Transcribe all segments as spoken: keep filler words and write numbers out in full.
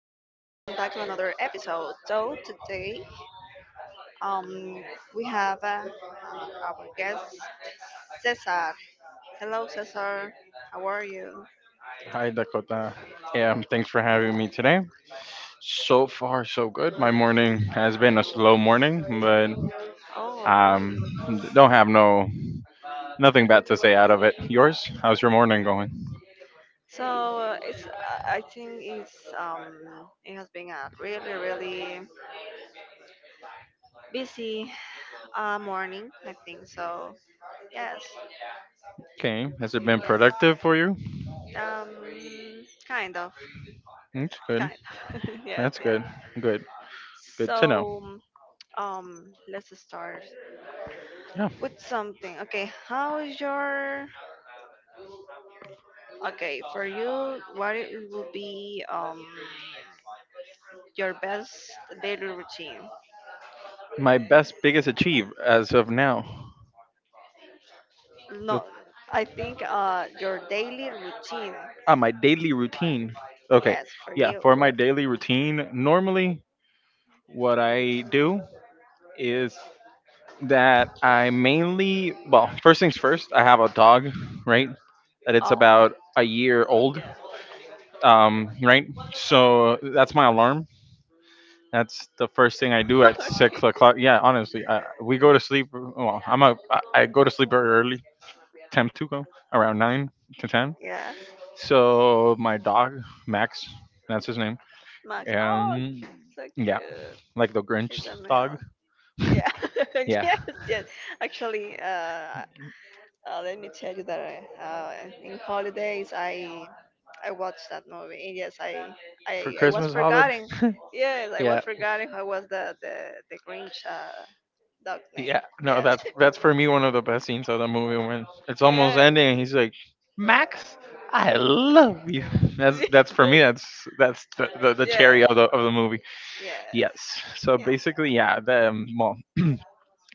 back to another episode. So today, um, we have uh, our guest Cesar. Hello, Cesar. How are you? Hi, Dakota. Yeah, Um, thanks for having me today. So far, so good. My morning has been a slow morning, but Oh, really? um, don't have no nothing bad to say out of it. Yours? How's your morning going? So uh, it's. I I think it's. Um, it has been a really, really busy uh, morning. I think so. Yes. Okay. Has it been Yes. productive for you? Um, Kind of. That's good. Kind. Of. Yes. That's Yes. good. Good. Good to know. So um, let's start Yeah. with something. Okay, how is your okay for you? What it will be um your best daily routine? My best, biggest achieve as of now. No, The, I think uh your daily routine. uh, my daily routine. Okay. Yes, for Yeah. you. For my what- daily routine, normally what I do is that I mainly, well, first things first, I have a dog, right? That it's Oh, about a year old, yeah. um, right? So that's my alarm. That's the first thing I do at six Okay. o'clock. Yeah, honestly, I, we go to sleep. Well, I'm a, I I go to sleep very early, ten to go around nine to ten. Yeah, So my dog Max, that's his name. Max. Oh, Um, so yeah, cute. like the He's Grinch a dog. male. Yeah. Yeah, Yes, yes. Actually, uh, Uh, let me tell you that I, uh, in holidays I I watched that movie. And yes, I for I, I was Christmas holiday. forgetting. Yes, I was yeah, forgetting how was the the the Grinch uh, dog name. Yeah, no, Yes, that's that's for me one of the best scenes of the movie when it's almost yes, ending and he's like, "Max, I love you." That's that's for me. That's that's the, the, the yes, cherry of the of the movie. yes, Yes. So yes. basically, yeah. The um, well,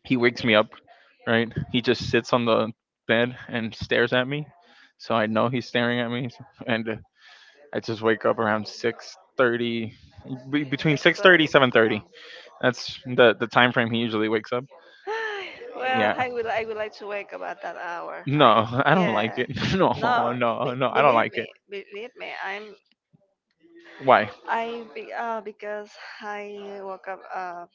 He wakes me up, right? He just sits on the bed and stares at me, so I know he's staring at me. And uh, I just wake up around six thirty, be between Six six thirty thirty. seven Wow. thirty. That's the the time frame he usually wakes up. Ay, well, Yeah, I will I would like to wake up at that hour. no, I I don't like Yeah. it. No, No, no, be, no, I don't believe like it. me, believe me. I'm Why? I be, uh, because I woke up uh,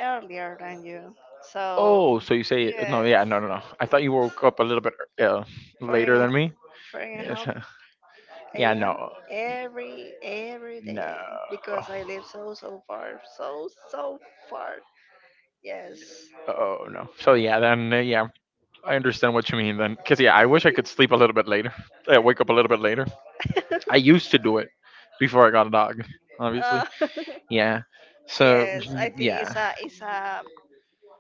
earlier than you. So Oh, so you say it? No, yes, yeah, no, no, no. I thought you woke up a little bit uh, four later and a, than me. four and a Yes. half Yeah, a m no, every every no. day because I live so so far, so so far. Yes. Oh no. So yeah, then uh, yeah, I understand what you mean then. Cause yeah, I wish I could sleep a little bit later. I wake up a little bit later. I used to do it before I got a dog, obviously. Uh, Yeah. So yes, I think it's yeah, a it's a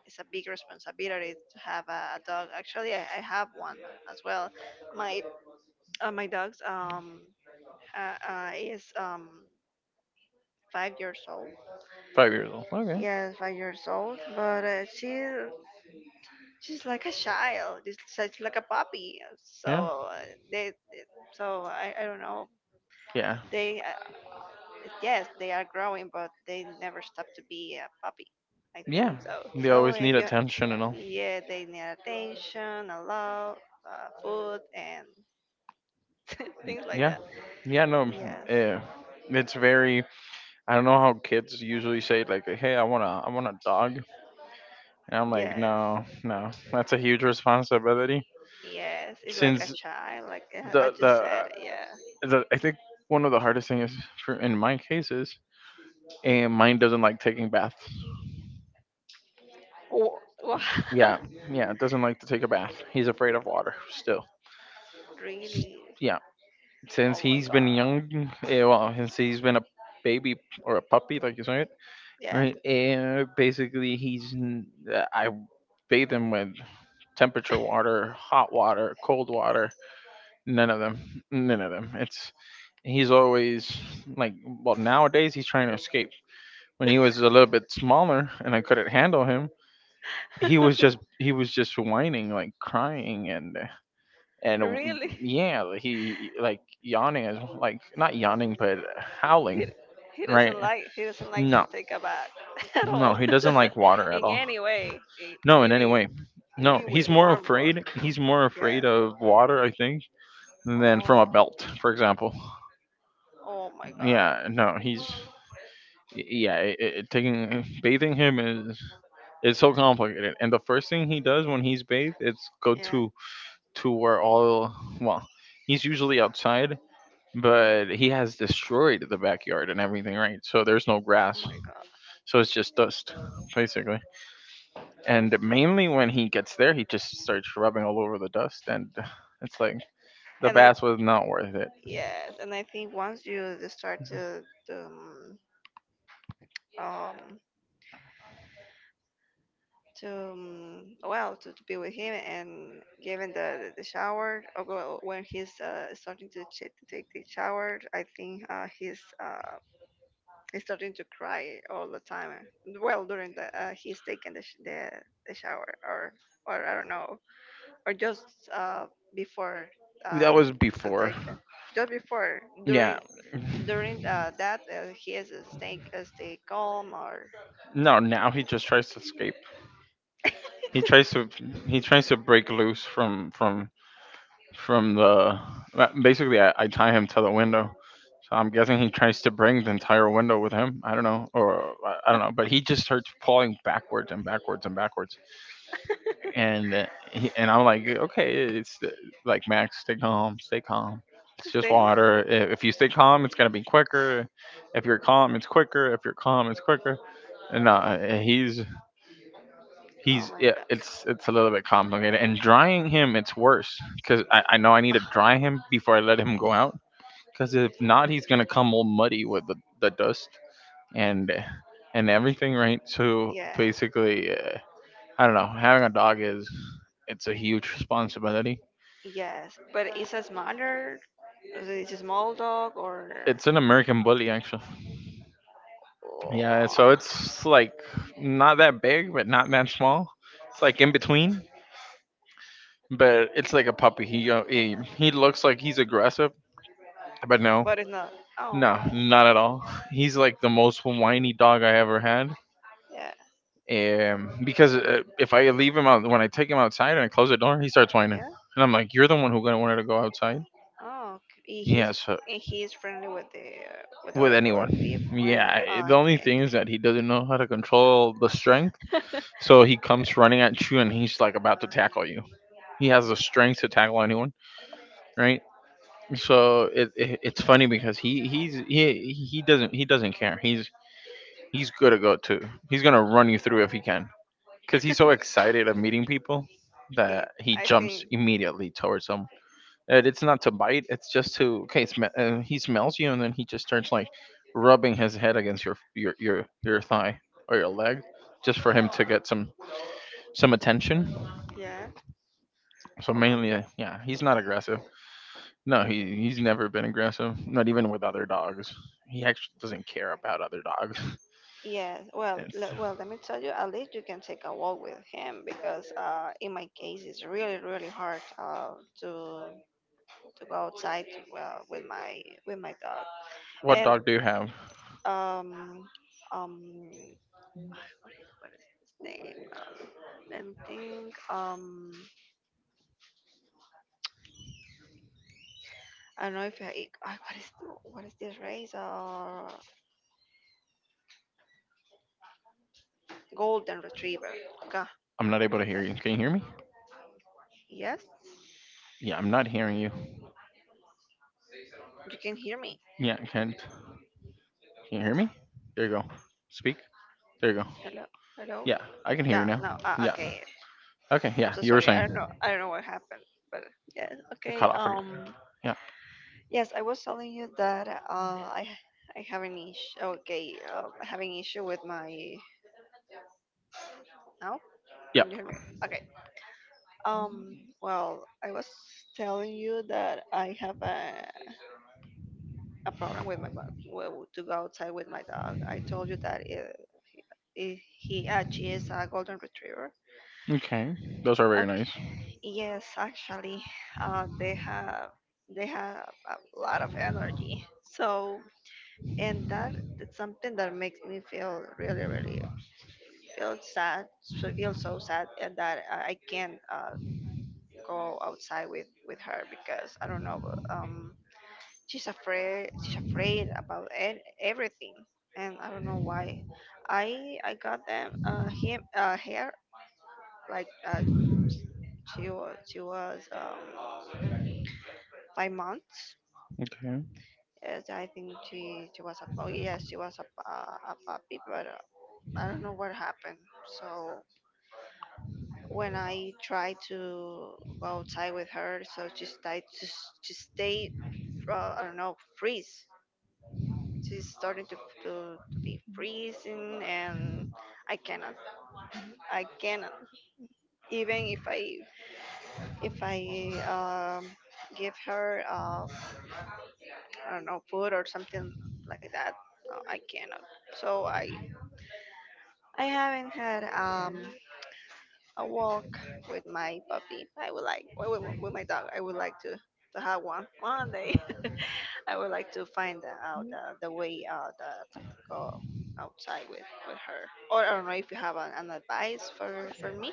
it's a big responsibility to have a dog. Actually, I, I have one as well. My uh, my dogs um uh, uh, is um five years old. five years old. Okay. Yes, five years old, but uh, she she's like a child. It's such like a puppy. Yeah. So uh, they, they- so I, I don't know. Yeah. They uh, Yes, they are growing, but they never stop to be a puppy. I Yeah. think so. They So always need and you, attention and all. yeah, they need attention, a lot, uh, food, and things like Yeah. that. Yeah, no. Yes, Uh, it's very I don't know how kids usually say like, "Hey, I want to I want a dog." And I'm like, yes, "No, no. That's a huge responsibility." yes. It's like a Since child, like uh, I the just the said. Yeah. the I think one of the hardest things is for in my case is and mine doesn't like taking baths. Wh- Wow. Yeah. Yeah, doesn't like to take a bath. He's afraid of water still. S- Really? Yeah. Since Oh my he's been God. young, eh, well, since he's been a baby or a puppy, like you said, Yeah? right? And basically, he's n- uh, I bathe him with temperature water, hot water, cold water, none of them, none of them. It's he's always like, well, nowadays he's trying to escape. When he was a little bit smaller and I couldn't handle him, he was just he was just whining, like crying, and and Really? um, yeah, like, he like yawning, is- like not yawning, but He, howling, he right? doesn't like he doesn't like to No, take a bath at no, all he doesn't like water at in all. any way. In, No, in any even way. No, even with he's more warm water. afraid. He's more Yeah. afraid of water, I think, than from a Oh. belt, for example. Oh my God. Yeah, no, he's y- yeah, it, it, taking bathing him is it's so complicated. And the first thing he does when he's bathed, it's go Yeah. to to where all well, he's usually outside but he has destroyed the backyard and everything, right? So there's no Oh grass. my God. So it's just dust, basically. And mainly when he gets there, he just starts rubbing all over the dust, and it's like the And I, bath was not worth it. yes, and I think once you just start to to, um um to um, well to, to be with him and given the the the shower, or go- when he's uh, starting to ch- to take the shower. I think uh, he's uh, he's starting to cry all the time, well during the uh, he's taking the, sh- the the shower, or or I don't know, or just uh, before That uh, was to before. take it. Just before, Yeah. during during uh, that uh, he is uh, stay uh, stay calm, or No, now he just tries to escape. He tries to he tries to break loose from from from the basically I, I tie him to the window. So I'm guessing he tries to bring the entire window with him. I don't know, or I I don't know, but he just starts falling backwards and backwards and backwards, and uh, he, and I'm like, okay, it's uh, like Max, stay calm, stay calm. It's just stay calm. water. I- If you stay calm, it's gonna be quicker. If you're calm, it's quicker. If you're calm, it's quicker. And no, uh, he's Oh he's my yeah, God, it's it's a little bit complicated. And drying him, it's worse because I, I know I need to dry him before I let him go out. Because if not, he's gonna come all muddy with the, the dust and and everything, right? So yeah. basically, uh, I don't know. Having a dog is it's a huge responsibility. Yes, but it's a smaller, it's a small dog or. It's an American bully, actually. Yeah, Oh, so it's like not that big, but not that small. It's like yeah, in between, but it's like a puppy. He uh, he, he looks like he's aggressive, but no, but it's not. Oh, no, not at all. He's like the most whiny dog I ever had. yeah, um, Because uh, if I leave him out, when I take him outside and I close the door, he starts whining, yeah. and I'm like, "You're the one who gonna wanted to go outside." Oh, okay. He- he's Yeah, so And he's friendly with the uh, with with other other anyone, people. yeah. Anyway, I- oh, The only okay. thing is that he doesn't know how to control the strength, so he comes running at you, and he's like about to tackle you. He has the strength to tackle anyone, right? So it, it it's funny because he he's he he doesn't he doesn't care. He's he's good to go too. He's gonna run you through if he can because he's so excited of meeting people He, that he I jumps think, immediately towards them. And it's not to bite; it's just to okay. Sm- uh, he smells you, and then he just starts like rubbing his head against your your your your thigh or your leg, just for him to get some some attention. yeah. So Oh my mainly, uh, God. yeah, he's not aggressive. No, he he's never been aggressive. Not even with other dogs. He actually doesn't care about other dogs. Yes. Well, It's le- well, let me tell you. At least you can take a walk with him because, uh, in my case, it's really, really hard, uh, to to go outside, well, with my with my dog. what And dog do you have? um um what is his name? Um, let me think. Um, I don't know if I, I what is what is this race? Uh, golden retriever. Ga- I'm not able to hear that- you. Can you hear me? Yes, Yeah, I'm not hearing you. you can hear me. Yeah, I can't. Can you hear me? There you go. Speak. There you go. Hello, hello. Yeah, I can hear you Yeah, now. no. Uh, Yeah. okay, Okay. I'm Yeah, so you were sorry. I don't saying know. I don't know what happened. But yeah, it cut okay. off again. Um, Yeah. yes, I was telling you that uh, I I have an issue. Okay, uh, I have an issue with my. No, can you Yep. hear me? Okay. Um, well, I was telling you that I have a a problem with my mo- well, to go outside with my dog. I told you that it, it, he actually is a golden retriever. Okay. Those are very nice. Okay, yes, actually, uh, they have they have a lot of energy. So, and that it's something that makes me feel really, really feel sad. So feel so sad, and that I I can't uh, go outside with with her because I don't know. Um, she's afraid she's afraid about e- everything, and I don't know why. I I got them uh him, uh hair like uh she was she was um five months. Okay. Yes, I think she she was a, oh yes, she was a, a, a puppy, but uh, I don't know what happened. So when I tried to go outside with her, so she started to, s- to stay, uh, I don't know, freeze. She's starting to, to to be freezing, and i cannot i cannot even if i if I um give her, uh I don't know, food or something like that. No, I cannot. So I I haven't had, um a walk with my puppy. I would like, with, with with my dog I would like to to have one one day. I would like to find out uh, the way uh, that go outside with, with her. Or I don't know if you have an, an advice for, for me.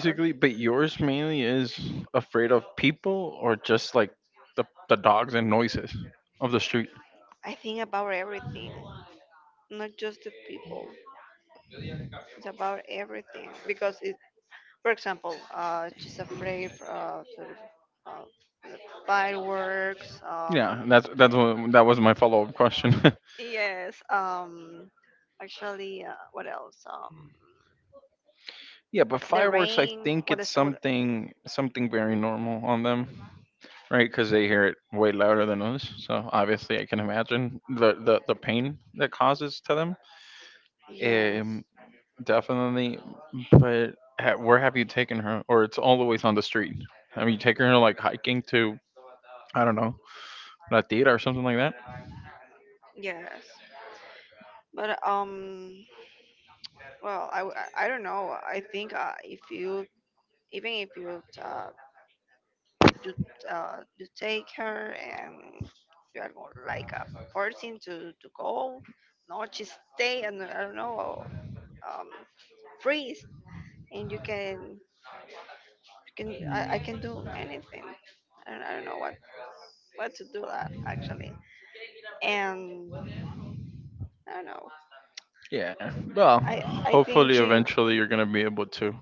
Or but yours mainly is afraid of people or just like the, the dogs and noises of the street. I think about everything, not just the people. It's about everything because it. For example, uh, she's afraid uh, sort of, uh, the fireworks. Yeah, Um, and that's that's what, that was my follow up question. yes. Um, actually, uh, what else? Um, yeah, but the fireworks, I rain. think What is? it's What, something something very normal on them, right? Because they hear it way louder than us. So obviously, I can imagine the the, the pain that causes to them. yes. Um, Definitely. But ha- where have you taken her? Or it's always on the street. Have you taken her like hiking to I don't know La Tira or something like that. Yes. But um, well, I, w- I- I don't know. I think uh, if you, even if you uh, you, uh, you take her and you are more like a person to to go, no, just stay, and I don't know, um, freeze, and you can you can, I, I can do anything. I don't, I don't know what what to do that actually, and I don't know. Yeah. Well, I I think hopefully, she eventually, you're gonna be able to.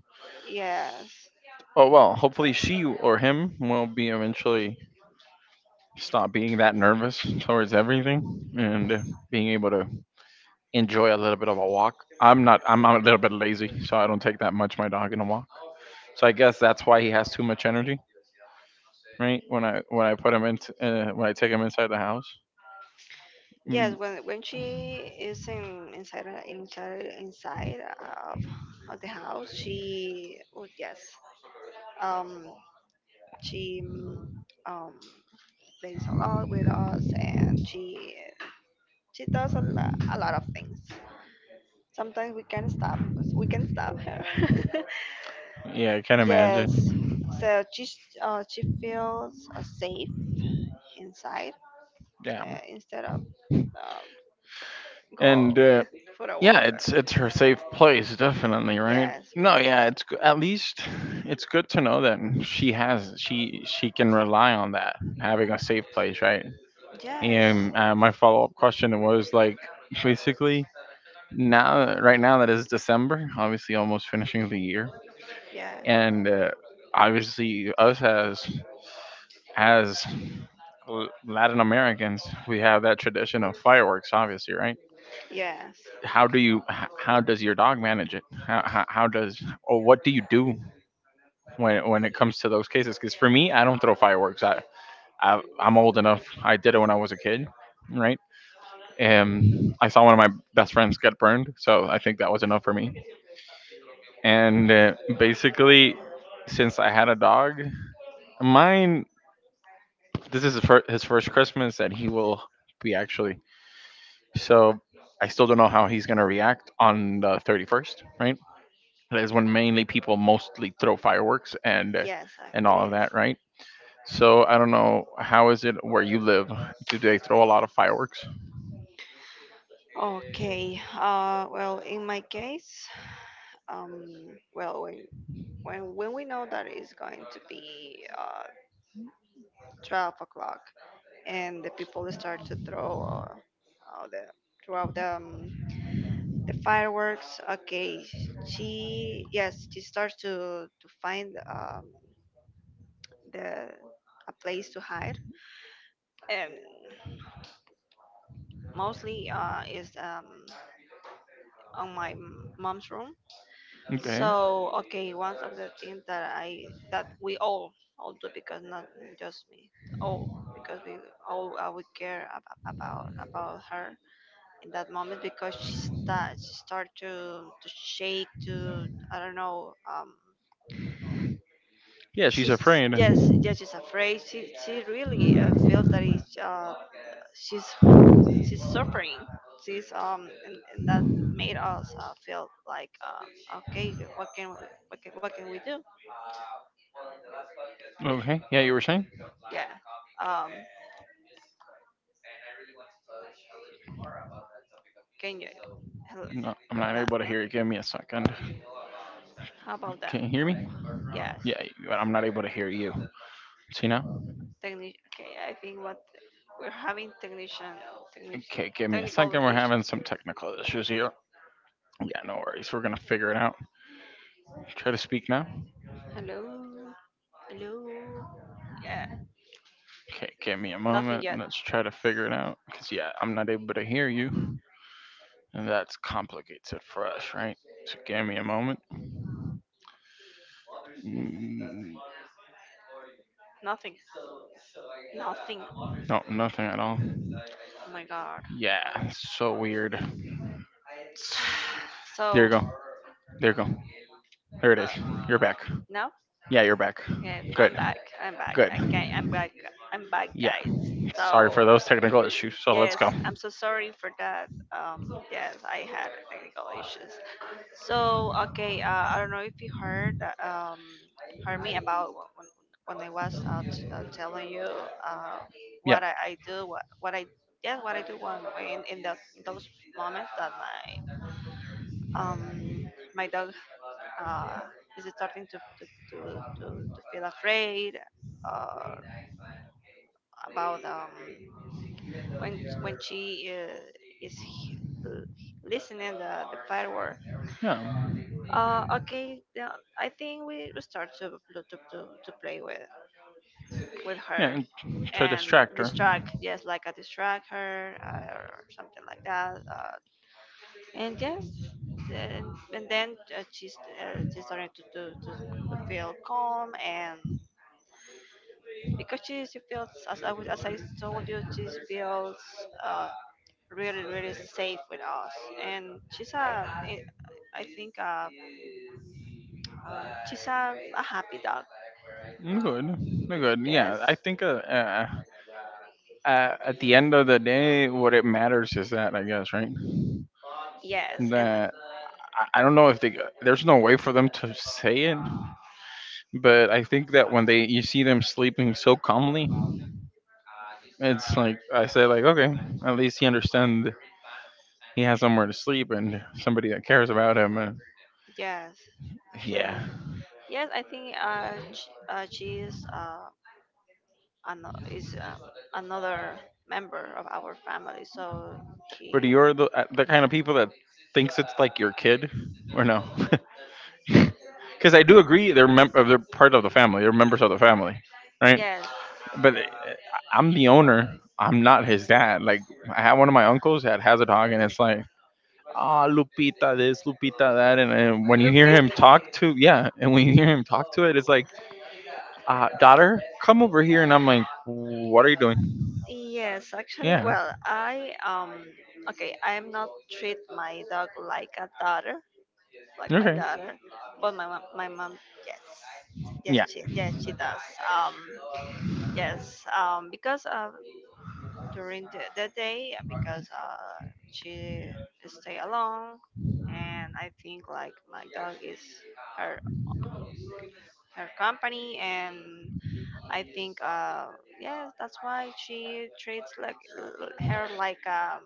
yes. Oh well, hopefully, she or him will be eventually stop being that nervous towards everything and being able to enjoy a little bit of a walk. I'm not. I'm, I'm a little bit lazy, so I don't take that much my dog in a walk. So I guess that's why he has too much energy, right? When I when I put him in uh, when I take him inside the house. Yes, Mm, when when she is in, inside a- inside inside of, of the house, she, oh yes, um, she, mm, um plays a lot with us, and she she does a lot, a lot of things. Sometimes we can stop we can stop her. yeah, I can Yes, imagine. so she s- uh, she feels uh, safe inside uh, Damn. instead of uh, And go uh, for a yeah, walk. it's it's her safe place, definitely, right? Yes, No, yeah, it's g- at least it's good to know that she has she she can rely on that having a safe place, right? yes. And uh, my follow up question was like, basically, now right now that is December, obviously almost finishing the year, Yeah. and uh, obviously us as as L- Latin Americans, we have that tradition of fireworks, obviously, right? Yes. How do you h- how does your dog manage it? How, how, how does or what do you do when when it comes to those cases? Because for me, I don't throw fireworks. I, I I'm old enough. I did it when I was a kid, right? Um, I saw one of my best friends get burned, so I think that was enough for me. And uh, basically, since I had a dog, mine, this is his fir- his first Christmas that he will be actually. So I still don't know how he's going to react on the thirty-first, right? That is when mainly people mostly throw fireworks, and uh, Yes, uh, and it all of is. that, right? So I don't know, how is it where you live? Do they throw a lot of fireworks? Okay. Uh, well, in my case, um, well, when when when we know that it's going to be uh, twelve o'clock, and the people start to throw, uh, uh, the throughout the um, the fireworks. Okay, she yes, she starts to to find, um, the a place to hide, and mostly uh, is um, on my m- mom's room. Okay. So okay, one of the things that I that we all all do, because not just me, all, because we all, uh, we care ab- about about her in that moment, because she start she start to to shake, to, I don't know, um. Yeah, she's She's afraid. yes, yes. She's afraid. She she really, uh, feels that it's, uh, she's she's suffering. She's um, and, and that made us, uh, feel like, uh, okay, what can we what can, what can we do? Okay. Yeah, you were saying? Yeah. Um. Can you? hel- No, I'm not No. able to hear you. Give me a second. How about that? Can you hear Huh? me? Yes. Yeah, you- I'm not able to hear you. See now? Techni- okay, I think what we're having technician, technic- Okay, give me a technical second. We're having issues. some technical issues here. Yeah, no worries. We're gonna figure it out. Try to speak now. Hello? Hello? Yeah, Okay, give me a nothing moment. yet. Let's try to figure it out. Because, yeah, I'm not able to hear you. And that complicates it for us, right? So, give me a moment. Mm, Nothing. Nothing. No, nothing at all. Oh my God. Yeah, so weird. It's- There So, you go. There you go. There it is. You're uh, back. now. Yeah, you're back. Yes, Good, I'm back. I'm back. good. Okay, I'm back. I'm back, Yeah. guys. Sorry So for those technical issues. So, let's yes, go. I'm so sorry for that. Um, yes, I had technical issues. So okay, uh, I don't know if you heard uh, um heard me about wh- when, when I was uh, t- uh, telling you uh Yeah. what I, I do what what I yes, what I do when, when in that, in those moments that my, um, my dog, uh, is starting to, to, to, to, to feel afraid uh, about, um, when when she, uh, is he- listening the, the firework. Yeah. Uh, okay, now I think we start to, to, to, to to play with with Yeah. her And to and distract her. distract, yes, like I distract her, uh, or something like that. Uh, and yes and, and then, uh, she's uh, she started to, to to to feel calm, and because she, she feels, as I was, as I told you, she feels uh, really really safe with us, and she's a I I think uh, uh she's a, a happy dog. Mm, good, mm, Re- good. yes, Yeah, I think uh, uh, uh, at the end of the day, what it matters is that, I guess, right? yes, and That I, I don't know if they there's no way for them to say it, but I think that when they you see them sleeping so calmly, it's like I said, like, okay, at least he understand he has somewhere to sleep and somebody that cares about him. And yes yeah, actually, yes I think uh she, uh, she is uh ano, is uh, another member of our family. So but he, you're the uh, the kind of people that thinks it's like your kid, or no? Because I do agree they're mem- uh, they're part of the family, they're members of the family, right? yes, But uh, I'm the owner. I'm not his dad. Like, I have one of my uncles that has a dog, and it's like, ah, Lupita this, Lupita that, and, and when you hear him Lupita. talk to, yeah, and when you hear him talk to it, it's like, uh, daughter, come over here. And I'm like, what are you doing? Yes, actually, Yeah. well, I um, okay, I'm not treat my dog like a daughter, like my Okay. daughter, but my mom, my mom, yes, yes, Yeah. she, yes, she does. Um, Yes, um, because, uh, during the, the day, uh, because, uh, she stay alone, and I think like my dog is her her company, and I think, uh, yes, that's why she treats, like, l- her like, um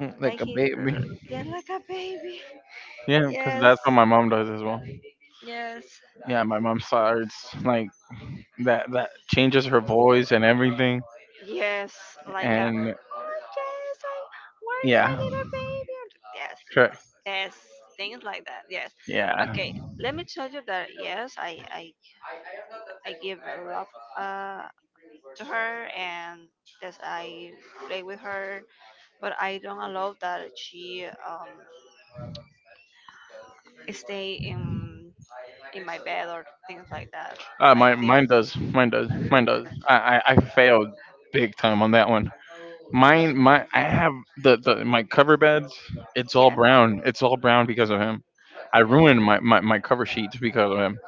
Mm, like like a he, baby. yeah, like a baby. Yeah, because Yes, that's what my mom does as well. yes. Yeah, my mom starts like that. That changes her voice and everything. Yes, like a, And oh yes, I, where's my yeah, little baby? Yes, correct. yes, things like that. Yes. Yeah. Okay, let me tell you that yes, I I I give a love uh to her and that I play with her, but I don't allow that she um stay in in my bed or things like that. Uh, I mine, think mine does. Mine does. Mine does. I, I, I failed big time on that one. Mine, my, I have the, the my cover beds. It's all yeah, brown. It's all brown because of him. I ruined my, my, my cover sheets because of him.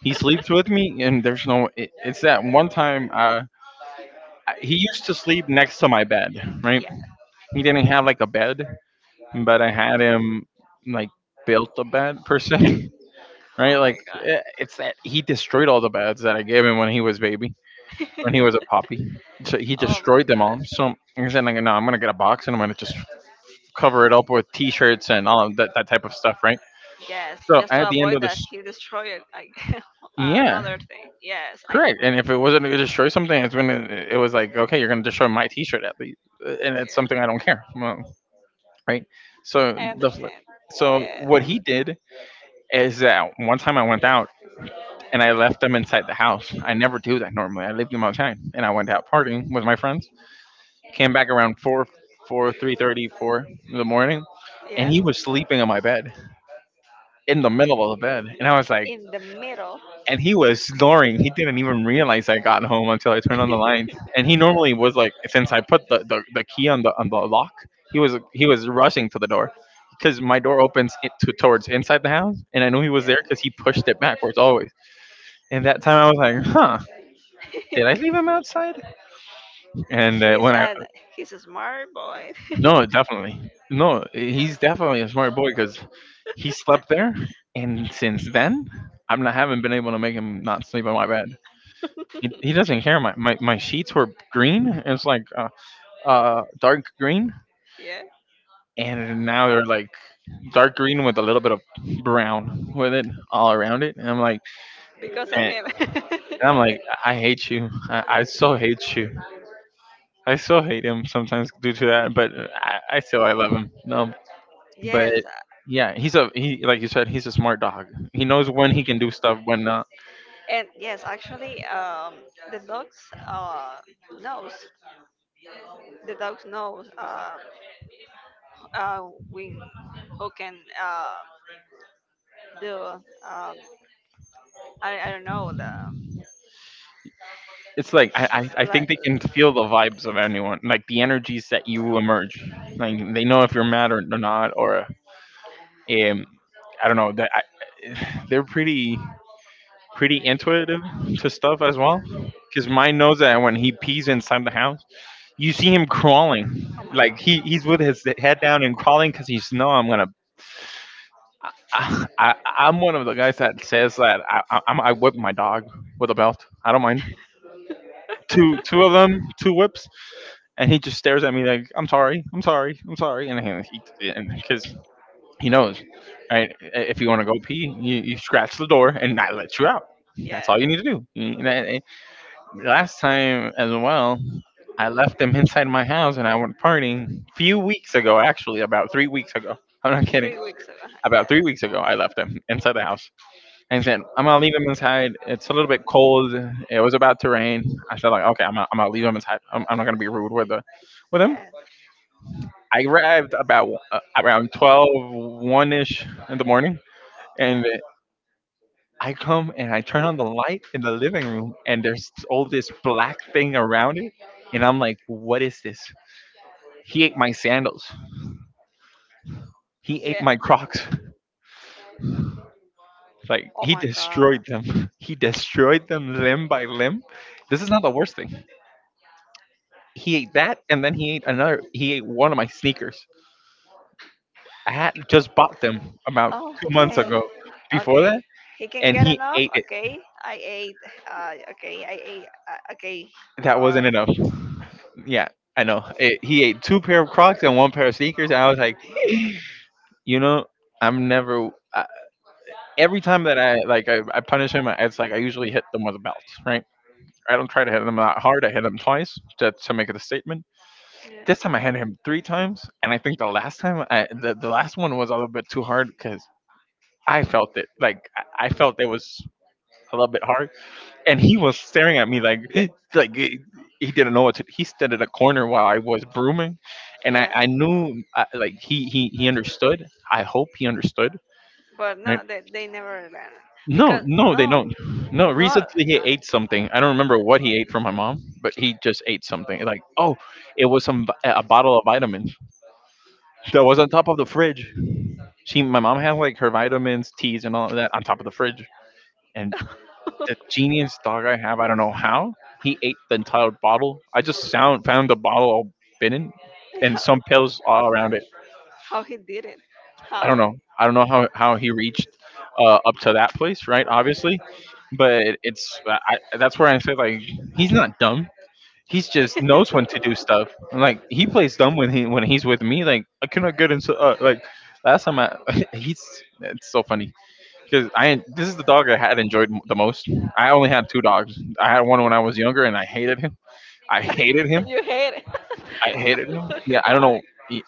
He sleeps with me, and there's no. It, it's that one time. Uh, I, he used to sleep next to my bed, right? yeah. He didn't have like a bed, but I had him like built a bed per se, right? Oh Like, my god. eh, it's that he destroyed all the beds that I gave him when he was baby, when he was a puppy, so he Oh my destroyed them god. all. So I said, like, no, I'm gonna get a box and I'm gonna just cover it up with T-shirts and all of that, that type of stuff, right? Yes, So just at to the end of avoid that this, he destroyed I, yeah, another thing. Yes, I correct. And if it wasn't to destroy something, it's when it, it was like, okay, you're gonna destroy my T-shirt at least, uh, and it's something I yeah, don't care, well, right? So I the understand. so what Yeah. he did is that one time I went out and I left them inside the house. I never do that normally. I leave them outside, and I went out partying with my friends. Came back around four, four, three thirty, four in the morning, and Yeah. he was sleeping on my bed in the middle of the bed, and I was like, In the middle. and he was snoring. He didn't even realize I got home until I turned on the lights. And he normally was like, since I put the, the, the key on the on the lock, he was he was rushing to the door because my door opens it to, towards inside the house, and I knew he was there Yeah. because he pushed it backwards always. And that time I was like, huh, did I leave him outside? And uh, he's when I an he's a smart boy. no, definitely no, he's definitely a smart boy because he slept there, and since then, I'm not, haven't been able to make him not sleep on my bed. He, he doesn't care. My, my my sheets were green. It's like uh, uh dark green, Yeah. and now they're like dark green with a little bit of brown with it all around it. And I'm like, Because of and, him. and I'm like, I hate you. I, I so hate you. I so hate him sometimes due to that, but I, I still I love him. No, but Yes. yeah, he's a he like you said, he's a smart dog. He knows when he can do stuff, when not. And yes, actually, um, the dog's uh, knows the dog knows uh, uh, when who can uh, do, um, I, I don't know. The It's like I, yes, I, I like, think they can feel the vibes of anyone, like the energies that you emerge. Like they know if you're mad or, not, or um, I don't know. That I, they're pretty pretty intuitive to stuff as well. Because mine knows that when he pees inside the house, you see him crawling, oh my like he, god. he's with his head down and crawling because he's no, I'm gonna. I, I, I'm one of the guys that says that I, I, I'm- I whip my dog with a belt. I don't mind. Two two of them, two whips, and he just stares at me like, "I'm sorry, I'm sorry, I'm sorry," and he because he knows, right? If you want to go pee, you, you scratch the door and that lets you out. That's all Yeah, you need to do. And I- I- Last time as well, I left him inside my house and I went partying few weeks ago, actually, about three weeks ago. I'm not kidding. three weeks ago. About Yeah, three weeks ago, I left him inside the house and said, I'm going to leave him inside. It's a little bit cold. It was about to rain. I said, like, okay, I'm going to leave him inside. I'm, I'm not going to be rude with, the, with him. yeah, I arrived about uh, around twelve one ish in the morning. yeah, And I come and I turn on the light in the living room, and there's all this black thing around it. And I'm like, what is this? He ate my sandals. He ate yeah. my crocs. Like, Oh he my god. destroyed them. He destroyed them limb by limb. This is not the worst thing. He ate that, and then he ate another. He ate one of my sneakers. I had just bought them about two months Okay, ago before okay, that, he can and get he enough. ate it. Okay I ate uh, okay I ate uh, Okay, That uh, wasn't enough. Yeah, I know. Eh, he ate two pair of Crocs and one pair of sneakers, and I was like, you know, I'm never. I, every time that I like, I, I punish him. It's like I usually hit them with a belt, right? I don't try to hit them that hard. I hit him twice to, to make it a statement. This yeah, time I hit him three times, and I think the last time, I, the the last one was a little bit too hard because I felt it. Like I I felt it was a little bit hard, and he was staring at me like like he he didn't know what to. He stood in a corner while I was brooming, and I yeah. I knew I, like he he he understood, I hope he understood, But right? no, they, they never learn it. No, Because no, they no, don't. No, no. recently he ate something, I don't remember what he ate from my mom, but he just ate something like, oh, it was some vi- a bottle of vitamins that was on top of the fridge. She My mom had like her vitamins, teas, and all of that on top of the fridge. And genius dog I have. I don't know how he ate the entire bottle. I just found found the bottle all bitten and how, some pills all around it. how he did it? I don't How? know. I don't know how how he reached uh, up to that place, right? Obviously, but it's I, I- that's where I say like he's not dumb. He's just knows when to do stuff. Like he plays dumb when he when he's with me. Like I cannot get into uh, like last time I he's it's so funny because I this is the dog I had enjoyed m- the most. I only had two dogs. I had one when I was younger, and I hated him. I hated him. You hate I hated him. Yeah, it? I don't Why? know. He-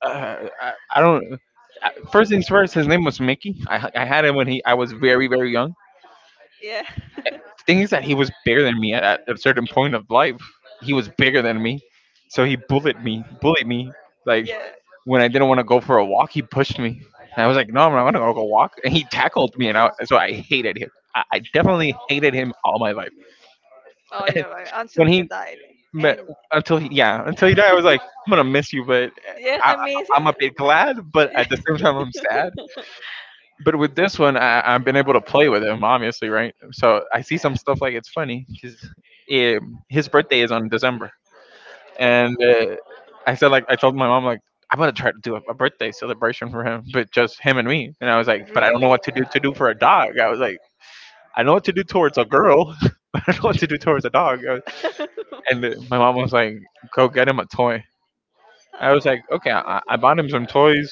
Uh, I, I don't. Uh, First things first, his name was Mickey. I, I had him when he I was very very young. Yeah, Thing is that he was bigger than me at, at a certain point of life. He was bigger than me, so he bullied me. Bullied me like yeah. when I didn't want to go for a walk, he pushed me. And I was like, "No, I'm not gonna go go walk." And he tackled me, and I, so I hated him. I, I definitely hated him all my life. Oh, And you're right. Until when he he died, met and until he, yeah until he died, I was like, "I'm gonna miss you," but yeah, I, I miss I'm him. a bit glad, but at the same Yeah. time, I'm sad. But with this one, I, I've been able to play with him, obviously, right? So I see Yeah. some stuff like it's funny because his birthday is on December, and uh, I said like I told my mom like I'm gonna try to do a, a birthday celebration for him, but just him and me. And I was like, but I don't know Really? what to do to do for a dog. I was like, I know what to do towards a girl, but I don't know what to do towards a dog. I was- And uh, my mom was like, go get him a toy. I was like, okay, I, I bought him some toys.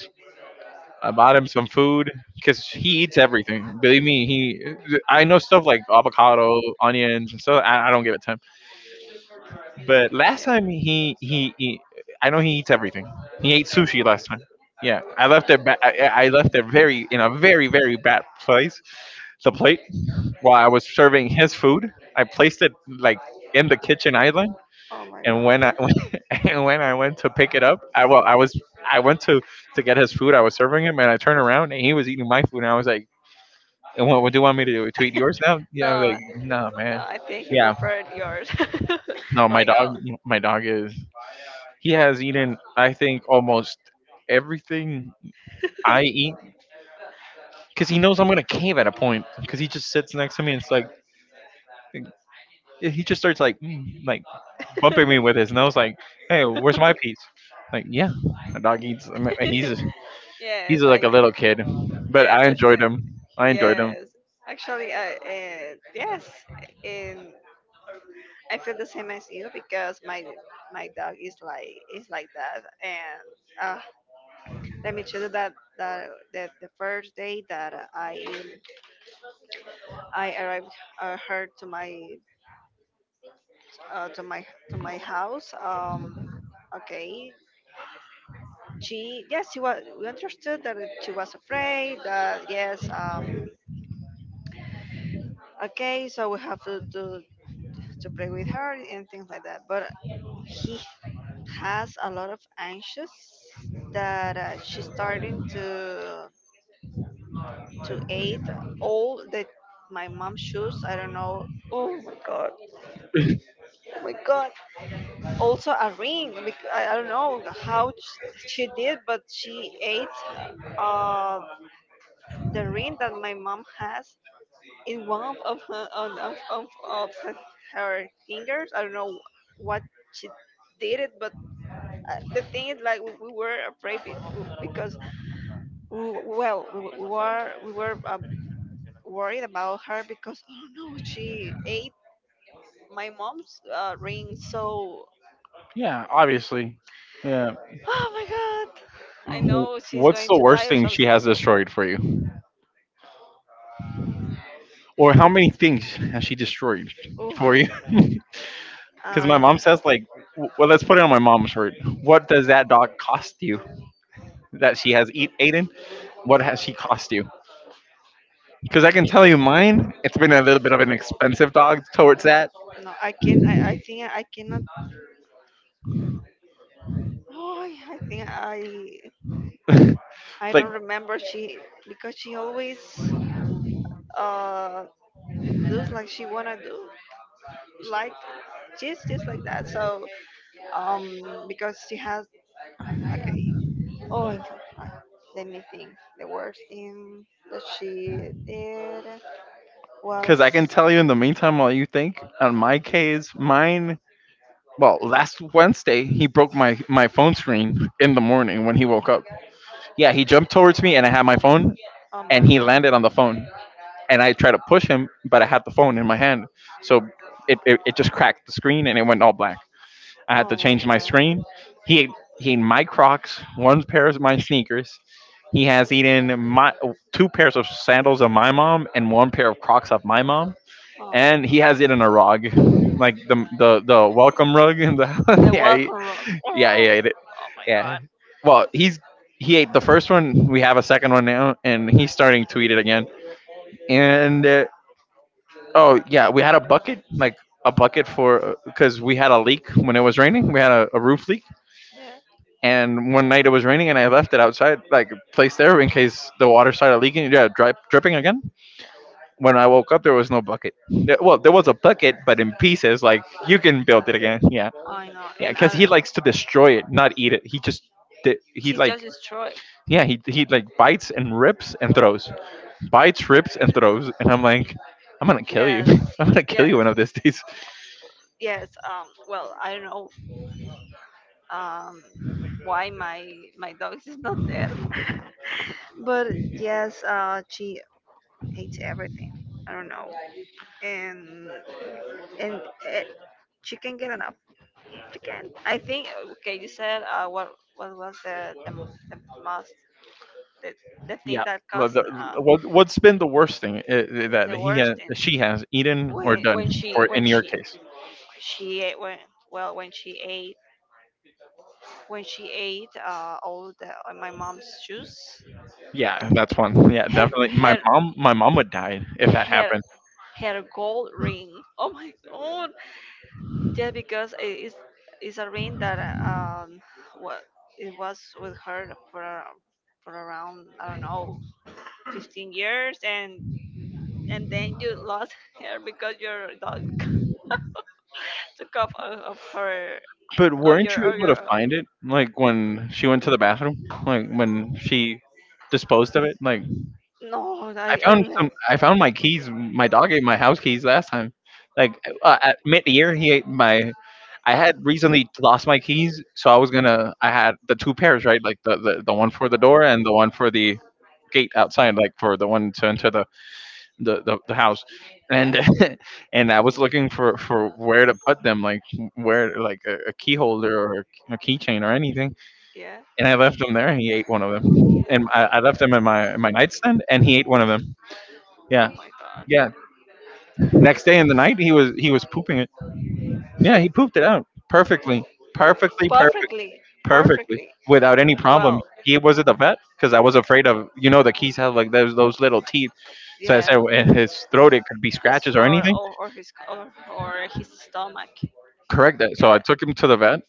I bought him some food because he eats everything. Believe me, he I know stuff like avocado, onions, and stuff. I, I don't give it to him. But last time he, he he I know he eats everything. He ate sushi last time. Yeah, I left it. Ba- I, I left it very in a very very bad place. The Oh, plate okay. while I was serving his food, I placed it like in the kitchen island. Oh my And god. when I Yes. and when I went to pick it up, I well I was I went to to get his food. I was serving him, and I turned around and he was eating my food. And I was like, and what, what do you want me to do? Tweet yours now? Yeah, I was like, No, no, no. man. I think he Yeah, preferred yours. no, my Like, dog, oh. my dog is. He has eaten, I think, almost everything I eat because he knows I'm gonna cave at a point. Because he just sits next to me and it's like, he just starts like, mm, like bumping me with his nose, like, hey, where's my piece? Like, yeah, my dog eats. I mean, he's he's Yes, like I a little kid, I but I enjoyed understand. him. I enjoyed him. Yes, actually, I uh, yes, in I feel the same as you, because my my dog is like is like that. And uh, let me tell you that that the, the first day that I I arrived uh, her to my uh, to my to my house. Um, okay, she yes she was we understood that she was afraid. That yes um okay, so we have to to to play with her and things like that. But he has a lot of anxious that uh, she's starting to to eat all the my mom's shoes. I don't know. Oh my god. Oh my god. Also a ring. bec- I, I don't know how sh- she did, but she ate uh, the ring that my mom has in one of her, on of, of, of her fingers. I don't know what she did it, but uh, the thing is like we, we were afraid, be- w- because we, well we, w- were we were uh, worried about her, because oh no, she ate my mom's uh, ring. So Yeah, obviously. Yeah. oh my god, I Wh- know she's What's going the to die worst or thing something. she has destroyed for you? Or how many things has she destroyed Oof, for you? Because my I mom says, like, w- well, let's put it on my mom's word. What does that dog cost you that she has eat Aiden? What has she cost you? Because I can tell you mine, it's been a little bit of an expensive dog towards that. no I can I, I think I cannot oh I think i i Like, don't remember. She, because she always uh does like she wanna do, like she's just like that. So, Um, because she has, okay. Oh, uh, let me think. The worst thing that she did was, because I can tell you in the meantime while you think on my case mine, well, last Wednesday he broke my my phone screen in the morning when he woke up. Yeah, he jumped towards me and I had my phone oh and my he god. landed on the phone and I tried to push him, but I had the phone in my hand, so it, it, it just cracked the screen and it went all black. I had to Oh my change my god. screen. He ate- he ate my Crocs, one pair of my sneakers. He has eaten my two pairs of sandals of my mom and one pair of Crocs of my mom, Oh my and he god. has eaten a rug, like the the the welcome rug. In the The yeah he, welcome room. yeah he Oh, ate it. oh my Yeah, god. well he's he ate the first one. We have a second one now, and he's starting to eat it again and uh, oh yeah, we had a bucket, like a bucket for because we had a leak when it was raining. We had a, a roof leak, Yeah. and one night it was raining, and I left it outside, like placed there in case the water started leaking. Yeah, dri- dripping again. Yeah. When I woke up, there was no bucket. There- well, there was a bucket, but in pieces. Like you can build it Like, again. Yeah, I know, yeah, and because I, he like, likes to destroy it, not eat it. He just di- he she like just destroyed. Yeah, he he like like bites and rips and throws, like bites rips and like throws and I'm like, I'm gonna kill you. Yes, I'm gonna kill you yes, one of these days. yes. Um, well, I don't know, um why my my dog is not there. But yes, uh, she ate everything. I don't know. And and it, she can get an, again. I think, okay, you said uh, what what was the the, m- the most the, the thing Yeah. that The, caused uh, the, what, what's been the worst thing uh, that the he has, worst thing? she has eaten or When, done when she for when in your she case? she ate when well when she ate when she ate uh, all the uh, my mom's shoes. Yeah, that's one. Yeah, her definitely. My her mom, my mom would die if that her happened. her gold ring, oh my god. Yeah, because it is is a ring that, uh, um what it was with her for for around, I don't know, fifteen years, and and then you lost her because your dog took off of, of her, But of weren't your you of able your, to uh, find it? Like when she went to the bathroom, like when she disposed of it. Like no, I I, I found don't know. some. I found my keys. My dog ate my house keys last time. Like uh, at mid-year, he ate my I had recently lost my keys, so I was gonna. I had the two pairs, right? Like the, the, the one for the door and the one for the gate outside, like for the one to enter the the, the, the house. Yes, And and I was looking for for where to put them, like where like a, a key holder or a keychain or anything. yeah. And I left them there, and he ate one of them. And I, I left them in my in my nightstand, and he ate one of them. Oh Yeah, my yeah. god. Next day in the night, he was he was pooping it. Yeah, he pooped it out perfectly, perfectly, perfect, Perfectly. perfectly Perfectly. without any problem. Well, He wasn't a vet because I was afraid of you know the keys have like those those little teeth. So I yeah. said in his throat it could be His scratches or throat, anything. or, or his or, or his stomach. Correct that. Yeah. So I took him to the vet,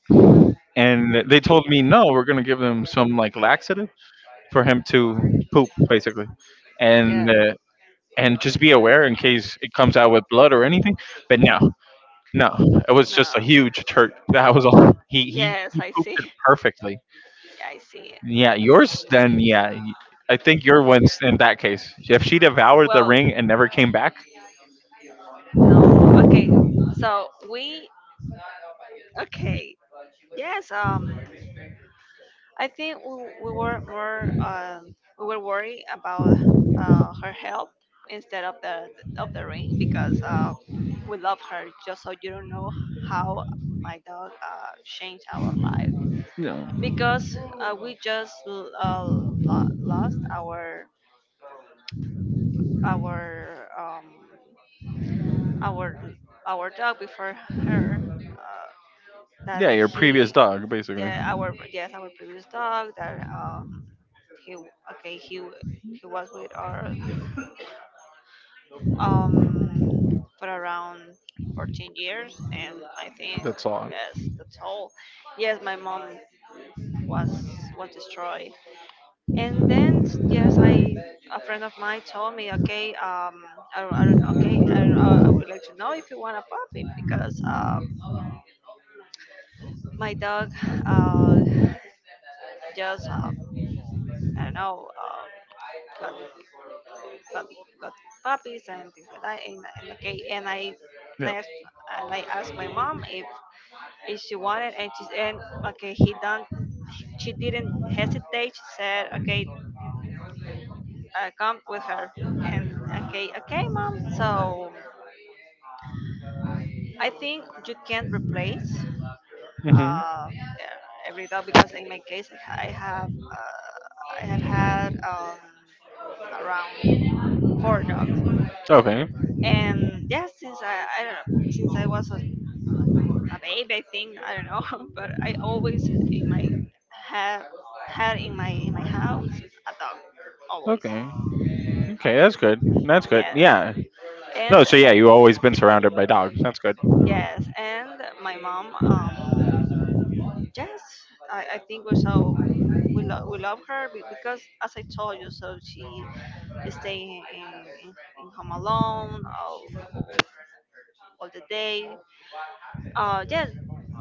and they told me no, we're gonna give him some like laxative for him to poop basically, and Yeah. uh, and just be aware in case it comes out with blood or anything. But no, no, it was No. just a huge turd. That was all. He he Yes, he I pooped it see. perfectly. I see. Yeah, yours then yeah. y- I think your one's in that case. If she devoured the Well, ring and never came back, no. Okay. So we, okay. Yes, um I think we, we were more, um, we were worried about uh, her health instead of the of the ring, because uh, we love her. Just so you don't know how my dog uh, changed our life, no. because uh, we just l- uh, lo- lost our, our um, our our dog before her, uh, that Yeah, your previous he dog basically. yeah, our, yes, our previous dog that, um, He, okay. He w- he was with our, um for around fourteen years, and I think, That's all. yes, that's all. Yes, my mom was was destroyed, and then, yes, I, a friend of mine told me, okay, um, I don't, I don't know, okay, I don't, I, I would like to know if you want a puppy, because um my dog, uh just uh, I don't know, uh, got, but got puppies and things like that. And, and okay, and I and I, Yeah. asked, and I asked my mom if if she wanted, and she, and okay, he don't. She didn't hesitate. She said, okay, uh, come with her. And okay, okay, mom. So I think you can't replace Mhm. uh, every dog, because in my case I have uh, I have had, um, around four dogs. Okay. And yes, since I I don't know, since I was a a baby, I think, I don't know, but I always, in my have had in my in my house a dog always. Okay. Okay, that's good. That's good. Yeah, Yeah. No, and so yeah, you always been surrounded by dogs. That's good. yes, and my mom. Um, yes, I, I think we, so we love we love her, be- because as I told you, so she stay in in, in home alone, all, all all the day. Uh, yes,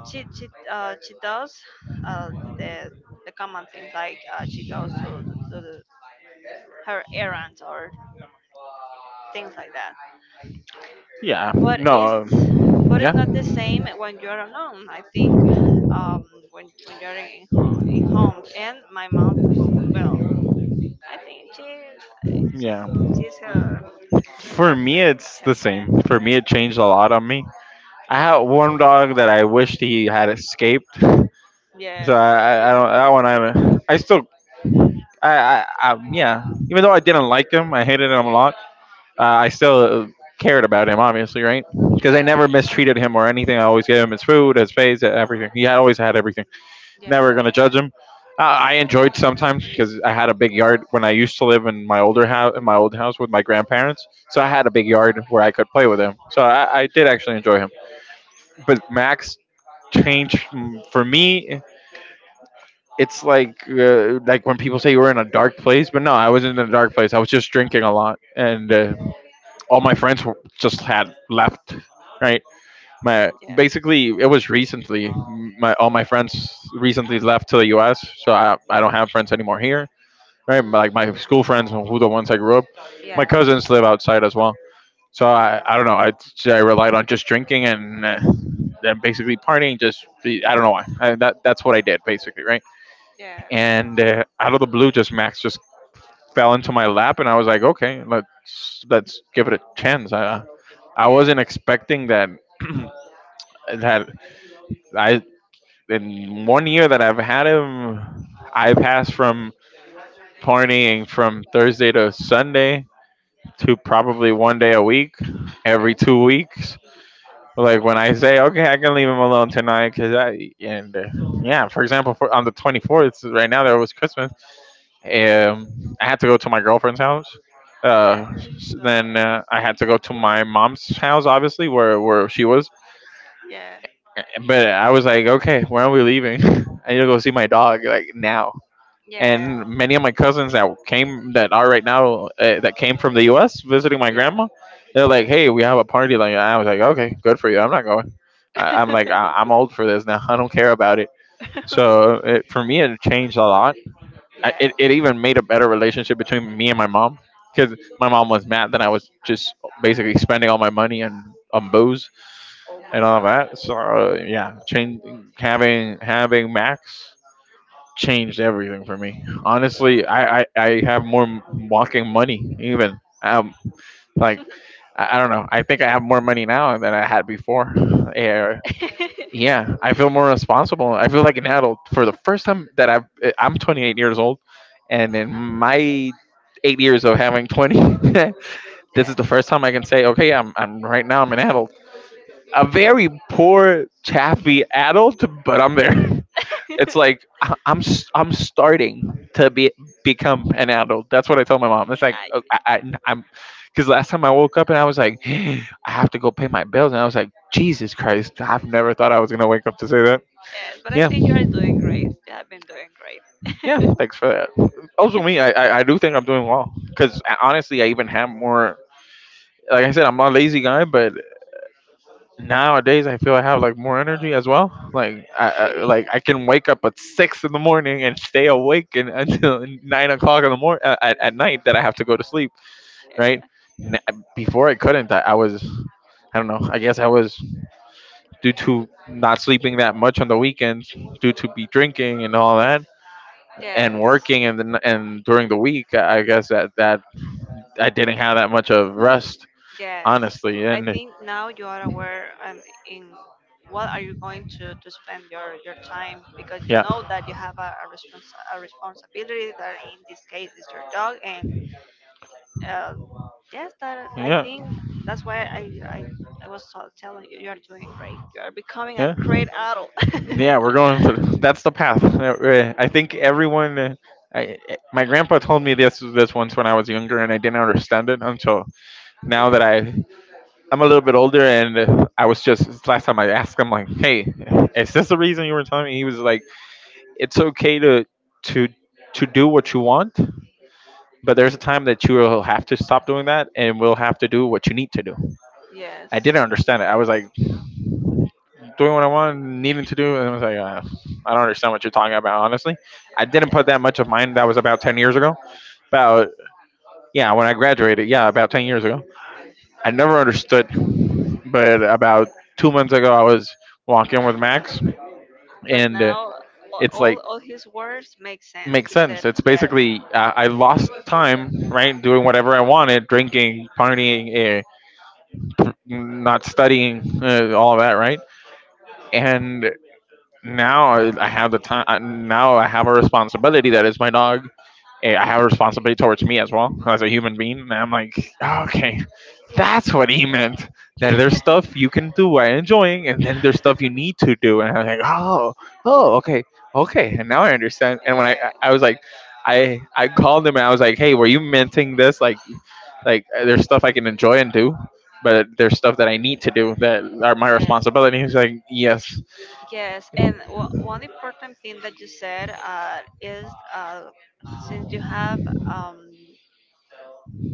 she she uh she does uh the the common things like, uh, she goes to, to, to the, her errands or things like that. Yeah. But it's No. Um, but it's yeah. not the same when you're alone. I think, um, when when you're in home, in home and my mom, well, I think she she Yeah. she's her, For her me, friend it's her the friend. same. For me, it changed a lot on me. I had one dog that I wished he had escaped. So Yes. I, I, I don't. That one, I, I still, I, I, I, yeah. Even though I didn't like him, I hated him a lot. uh, I still uh, cared about him, obviously, right? Because I Yeah. never mistreated him or anything. I always gave him his food, his face, everything. He had always had everything. Never gonna judge him. Uh, I enjoyed sometimes because I had a big yard when I used to live in my older house, in my old house with my grandparents. So I Yeah. had a big yard where I could play with him. So I, I Yeah. did actually enjoy him. But Max. Max For changed me, mm, for me. it's It's like, like uh, like when people say you were in a dark place, but no, I wasn't in a dark place. I was just drinking a lot and uh, all my friends were- just had left, right? my yeah. basically It was recently, my all my friends recently left to the US, so i, I don't have friends anymore here, right? My- like Mm. my school friends, who the ones I grew up, my Yes. cousins live outside as well, So, so oh my i, god. I Sure, don't know. I, I like, relied on like, just drinking and uh, and basically partying. Just I don't know why I, that, that's what I did basically, right? yeah. And So. uh, out of the blue, just Max just fell into my lap, and I was like, okay, let's let's give it a chance. I I Yeah. wasn't expecting that that I in one year that I've had him, I passed from partying from Thursday to Sunday to probably one day a week, Yeah. every two weeks. Like when I Like, say, okay, I can leave okay. him alone tonight, cause I and uh, yeah, for example, for, on the twenty fourth, right now there was Christmas. Yeah. Um, I had to go to my girlfriend's house. uh, Yeah. Uh, s- then uh, I had to go to my mom's house, obviously, where where she was. Yeah. But I was like, okay, when are we leaving? I need to go see my dog, like now. Yeah. And many of my cousins that came, that are right now, uh, that came from the U S visiting my Yeah. grandma, they're like, hey, Yeah. we have a party. Like I was like, okay, good for you. I'm not going. I, I'm like, I, I'm old for this now. I don't care about it. So it, for me, it changed a lot. I, yeah. It, it even made a better relationship between me and my mom because my mom was mad that I was just basically spending all my money on, on booze Oh my and all that. So gosh. uh, yeah, change, having having Max changed everything for me. Honestly, I I, I have more m- walking money even. Um, like I, I Yeah. don't know. I think I have more money now than I had before. Eh, yeah, I feel more responsible. I feel like an adult for the first time that i've eh, I'm twenty-eight years old, and in my eight years of having twenty this is the first time I can say okay, i'm, I'm right now I'm an adult, a very poor chaffy adult, but I'm there. It's like I- i'm s- I'm starting to be become an adult. That's what I tell my mom. It's like uh, I, I, I'm, because last time I woke up and I was like Nice. I have to go pay my bills, and I was like, Jesus Christ, I've never thought I was going to wake up to say that. Yeah, but I Yeah, think you are doing great. You have been doing great. yeah. Thanks for that. Also, me, I, I, I do think I'm doing well because honestly, I even have more. Like I said, I'm not a lazy guy, but nowadays I feel I have like more energy as well. Like I, I like Really? I can wake up at six in the morning and stay awake, and, until nine o'clock in the morning uh, at, at night that I have to go to sleep. Right. N- Before I couldn't. I, I was, I don't know. I guess I was due to not sleeping that much on the weekends, due to be drinking and all that. Yeah. And Yes. working, and then and during the week, I guess that that I didn't have that much of rest, Yes. honestly. I And think now you are aware, um, in what are you going to, to spend your, your time, because you yeah, know that you have a, a, respons- a responsibility that in this case is your dog. And, um, yes, that, I yeah, think that's why I, I, I was so- telling you, you are doing great, you are becoming a yeah, great adult. yeah. We're going for, that's the path. Uh, I think everyone. uh, I, my grandpa told me this this once when I was younger, and I didn't understand it until now that I I'm a little bit older, and uh, I was just this last time I asked him like, "Hey, is this the reason you were telling me?" He was like, "It's okay to to to do Yes. what you want, but Yes. there's a time that you will have to stop doing that and will have to do what you need to do." Yes. I didn't understand it. I was like, doing what I wanted, needing to do, and I was like, uh, I don't understand what you're talking about, honestly. I didn't put that much of mine. That was about ten years ago. About, Yeah, yeah, when I graduated, yeah, about ten years yeah, ago. I never understood. But about but two months ago, I was walking with Max, But and uh, now a- it's all like, all his words make sense. makes You said sense. It's yes. basically, uh, I lost time, right, doing whatever I wanted, drinking, partying, uh, not studying, uh, all of that, right? And now I I have the time. I- Now I have a responsibility that is my dog. eh, I have a responsibility towards me as well as a human being. And I'm like, okay, that's what he meant. That there's stuff you can do while enjoying, and then there's stuff you need to do. And I'm like, oh, oh, okay, okay. And now I understand. And when I, I was Yes. like, I, I called him and I was like, hey, were you minting this like like uh, there's stuff I can enjoy and do, but there's stuff that I need to do that are my Yes. responsibilities. Like, yes, Yes, and, w- one important thing that you said, uh, is, uh, since you have, um,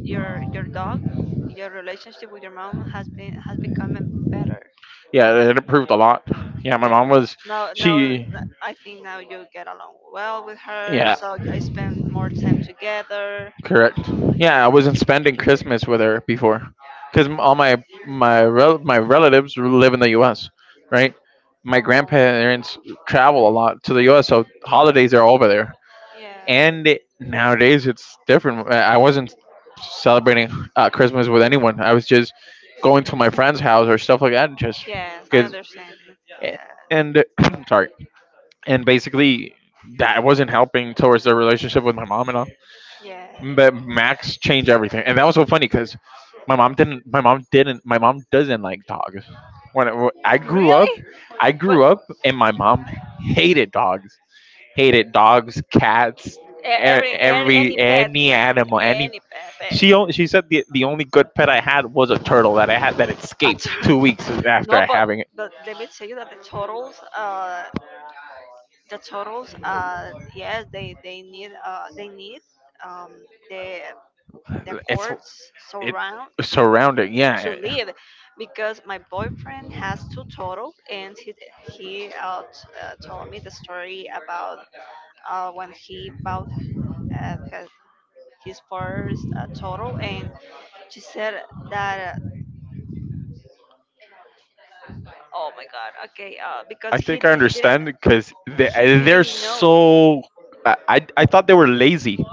your your dog, your relationship with your mom has been has become better. yeah, it improved a lot. Yeah, my mom Yes. was, Now now th- she, I think now you get along well with her, yeah, so I spend more time together. correct. Yeah, I wasn't spending Christmas with her before, because all my my rel- my relatives live in the U S. Right, my Oh, grandparents travel a lot to the U S, so holidays are over there. yeah. And nowadays it's different. I I wasn't celebrating uh, Christmas with anyone. I was just going to my friend's house or stuff like that, just Yes, I because, understand. Yes. and sorry, and basically that wasn't helping towards the relationship with my mom and all. Yes. But Max changed everything, and that was so funny because my mom didn't. My mom didn't. My mom doesn't like dogs. When I, when I grew up, Really? I But, grew up, and my mom hated dogs, hated dogs, cats, e- e- every a- every any pet? any animal, any. Any bad? She o- she said the the only good pet I had was a turtle that I had that escaped two weeks after No, I but, having it. but let me tell you that the turtles, uh, the turtles, uh, yes, they they need, uh they need, um the, the It's courts it surround surrounded. to Yeah, live, because my boyfriend has two turtles, and he he uh, t- uh, told me the story about, uh, when he bought, uh, his his first, uh, turtle, and she said that, oh my God. Okay. Uh, I because he think I di- he didn't understand because they he they're didn't know. so. I, I I thought they were lazy.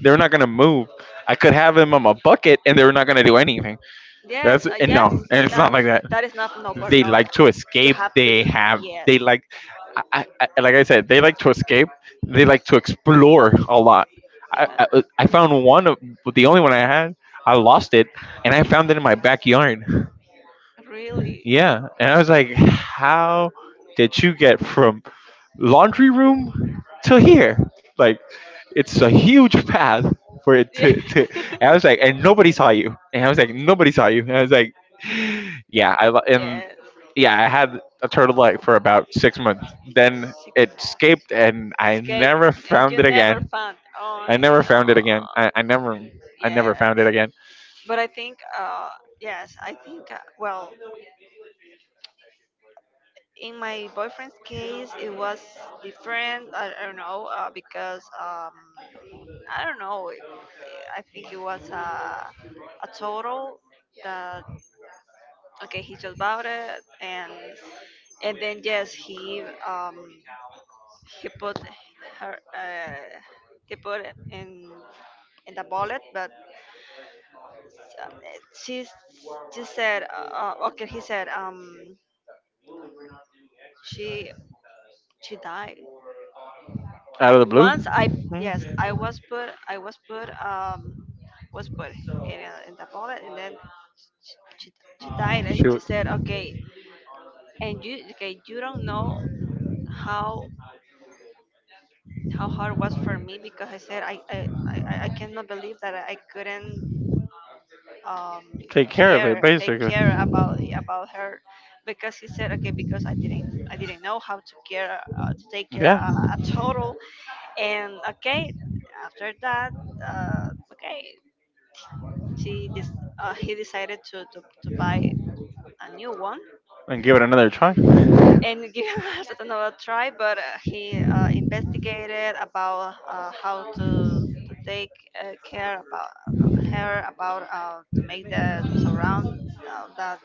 They're not gonna move. I could have them on my bucket and they're not gonna do anything. Yes. That's Uh, and yes. no, and it's That not like that. that is not, no They burnout. like to You escape, have to they do. have, Yes. they like, I, I, I- like I said, they like to escape, they like to explore a lot. I, Yeah. I, I found one of the only one I had. I lost it, and I found it in my backyard. Really. Yeah. And I Yeah. was like, how did you get from laundry room to here? Like, it's a huge path for it to, to and I was like, and nobody saw you. And I was like, nobody saw you. And I was like, yeah, I, lo- and Yes. yeah, I had a turtle egg for about six months. Then Six it months. escaped and I Escape never and found you it never again. found. Oh, I you never found know. it again. I, I never, I never found it Yes. again. But I think, uh, yes, I think, uh, well, in my boyfriend's case, it was different. I, I don't know, uh, because, um, I don't know, it- I think it was a, a total that, okay, he just bought it. And, and then, yes, he, um, he put her uh, he put it in in the bullet, but uh, she she said uh, uh, okay, he said um she she died. Out of the blue, Once I, hmm? yes i was put i was put um was put in, a- in the bullet, and then she, she she died, and She she would said okay. And you okay you don't know how how hard it was for me, because I said, i i, I I cannot believe that I couldn't, um, take care of it care take basically. care about about her, because he said okay, because i didn't i didn't know how to care, uh, to take care, Yeah, uh, a total. And okay, after that, uh, okay, she dis- uh, he decided to, to to buy a new one, and give it another try. and give us another try. But uh, he uh, investigated about, uh, how to to take, uh, care about her, about, uh, to make the surround, uh, that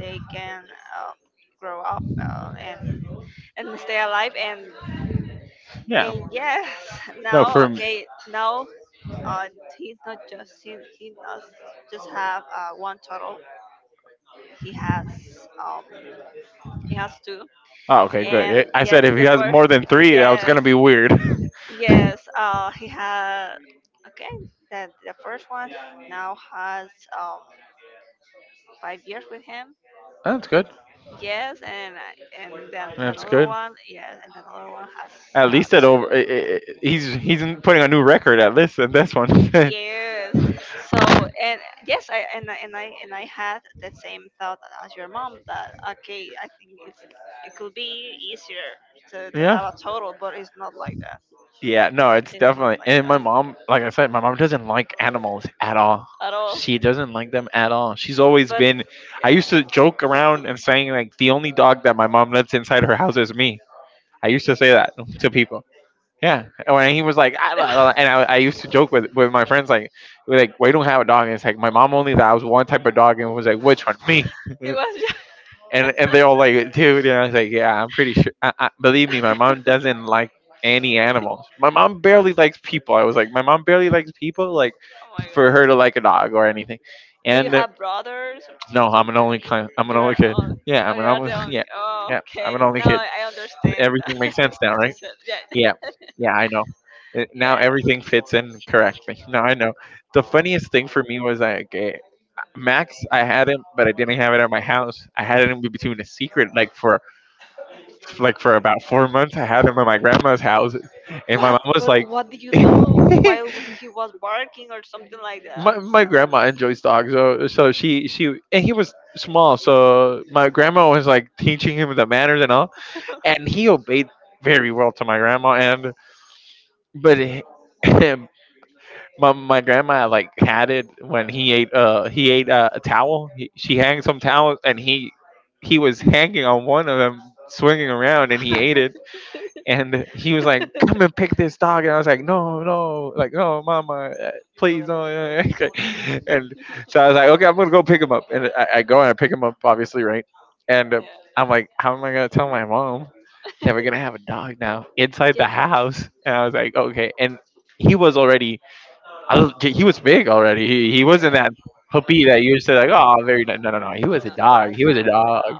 they can, um, grow up, uh, and and stay alive, and Yeah. and yes. No, Now, for, okay, now uh, he's not just he, he not just have uh, one turtle, he has, um he has two. oh, okay, good. And It- I yes, said if he the has first, more than three, that was yes, gonna be weird. yes uh he had, okay, that the first one now has, um five years with him. That's good. Yes, and I- and then the That's another good. one, yes, and another one has, At uh, least at over, two. i i i- he's he's putting a new record at least in this one. Yes. So and yes, I and I and I and I had the same thought as your mom that okay, I think it's it could be easier to, to have Yeah. a total, but it's not like that, Yeah. No, it's definitely. like And my that mom, like I said, my mom doesn't like animals at all. at all. She doesn't like them at all. She's always But been. I yeah, used to joke around and saying like the only dog that my mom lets inside her house is me. I used to say that to people. Yeah, and he was like, I, I- and I, I used to joke with with my friends like, we're like we don't have a dog. And it's like my mom only that was one type of dog, and was like, which one, me? it was just. and and they're all like, dude. And I was like, yeah, I'm pretty sure. I, I, believe me, my mom doesn't Oh like any animals. My mom barely likes people. I was like, my mom barely likes people. Like, my for her to god. like a dog or anything. Do you And uh, have brothers or no, sisters I'm an that only kind. I'm an you're only kid. on? Yeah, Oh, I'm you an are the only. only. Yeah, Oh, yeah, I'm an okay. only Now kid. I I understand Everything that. makes sense now, What you right? said. Yeah. Yeah, yeah, I know. Uh, Now Yes. everything fits in correctly. No, I know. The funniest thing for me was like uh, Max. I had him, but I didn't have it at my house. I had it in between a secret, like for like for about four months. I had him at my grandma's house, and my What? mom was But like, what did you do while he was barking or something like my that? my grandma enjoys dogs, so so she she and he was small, so my grandma was like teaching him the manners and all, and he obeyed very well to my grandma, and but. my my grandma like had it when he ate uh he ate uh, a towel. He, she hanged some towels and he he was hanging on one of them, swinging around, and he ate Yeah. it. And he was like, "Come and pick this dog," and I was like, "No, no, like no, mama, uh, please, no." Uh, okay. And so I was like, "Okay, I'm gonna go pick him up." And I, I go and I pick him up, obviously, right? And uh, I'm like, "How am I gonna tell my mom that we're gonna have a dog now inside the Give, house?" And I was like, "Okay." And he was already, I was, yeah. he was big already. He he wasn't that puppy that you said like. Oh, very ni-" no no no. He was No, a it dog. was He was a not. dog, Wow.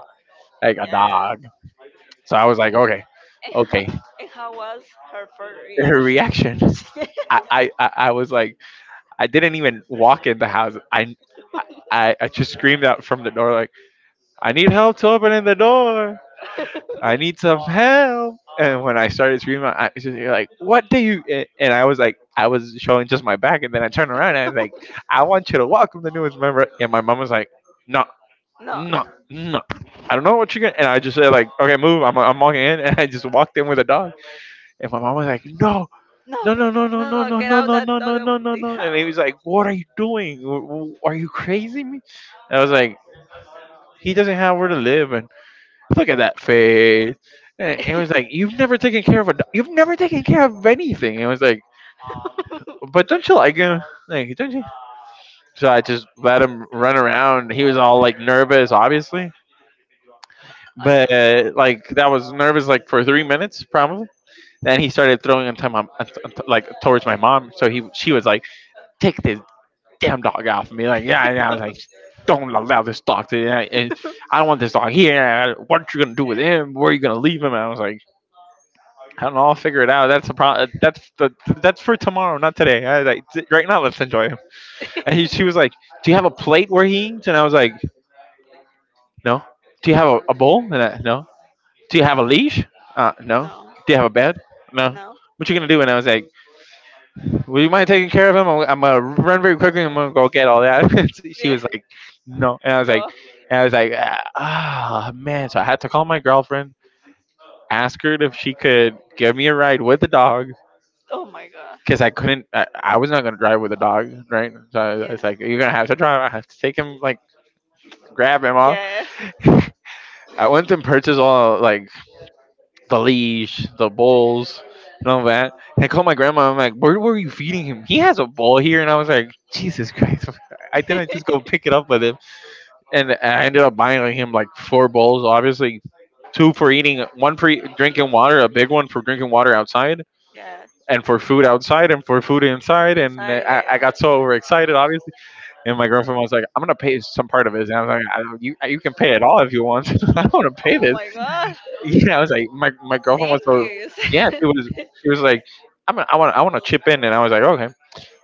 like a Yeah. dog. So I was like, okay, And how, okay. and how was her first Her reaction? reaction. I I I I was like, I didn't even walk in the house. I I I just screamed out from the door like, I need help to opening the door. I need some help. And when I started screaming, I was just you're like, what do you? a- And I was like, I was showing just my back. And then I turned around and I was like, I want you to welcome the newest member. And my mom was like, no, Yeah. no, No. no. I don't know what you're gonna. And I just said like, okay, move. I'm, I'm walking in. And I just walked in with a dog. And my mom was like, no, No, no, no, no, no, no, no, no, no, no, get out no, that no, dog no, no, of no, the no. And he house. was like, what are you doing? W- w- Are you crazy? Me? And I was like, he doesn't have where to live, and look at that face. And it was like, you've never taken care of a, do- you've never taken care of anything. It was like, but don't you like him? Like, don't you? So I just let him run around. He was all like nervous, obviously, I but uh, know. like that was nervous like for three minutes probably. Then he started throwing on time, like towards my mom. So he, she was like, take this damn dog off me. Like, yeah, and I was like, don't allow this dog to. Yeah, and I don't want this dog here. What are you gonna do with him? Where are you gonna leave him? And I was like I don't know. I'll figure it out. That's a pro- That's the that's for tomorrow, not today. I, like, t- right now, let's enjoy him. And he, she was like, "Do you have a plate where he eats?" And I was like, "No." Do you have a, a bowl? And I, no. Do you have a leash? Uh, no. No. Do you have a bed? No. No. What you gonna do? And I was like, "Will you mind taking care of him? I'm, I'm gonna run very quickly. I'm gonna go get all that." She- she Yeah. was like, "No." And I was like, No. and I was like, "Ah, man." So I had to call my girlfriend, ask her if she could give me a ride with the dog Oh my god. because I couldn't. I, I was not gonna drive with a dog, right? So I, I Yeah. was like, "You're gonna have to drive. I have to take him, like grab him all." Yeah. I went and purchased all like the leash, the bowls, and all that. And I called my grandma. I'm like, "Where were you feeding him? He has a bowl here." And I was like, "Jesus Christ! I didn't just go pick it up with him." And I ended up buying like, him like four bowls, obviously. Two for eating, one for e- drinking water, a big one for drinking water outside, Yeah. and for food outside and for food inside. And uh, Inside I, I there. got so overexcited, obviously. And my girlfriend was like, "I'm gonna pay some part of this." And I was like, I, "You you can pay it all if you want. I don't want to pay Oh this." my god. Yeah, I was like, my my girlfriend was Thank so you. yeah, she was she was like, "I'm gonna, I want I want to chip in," and I was like, "Okay."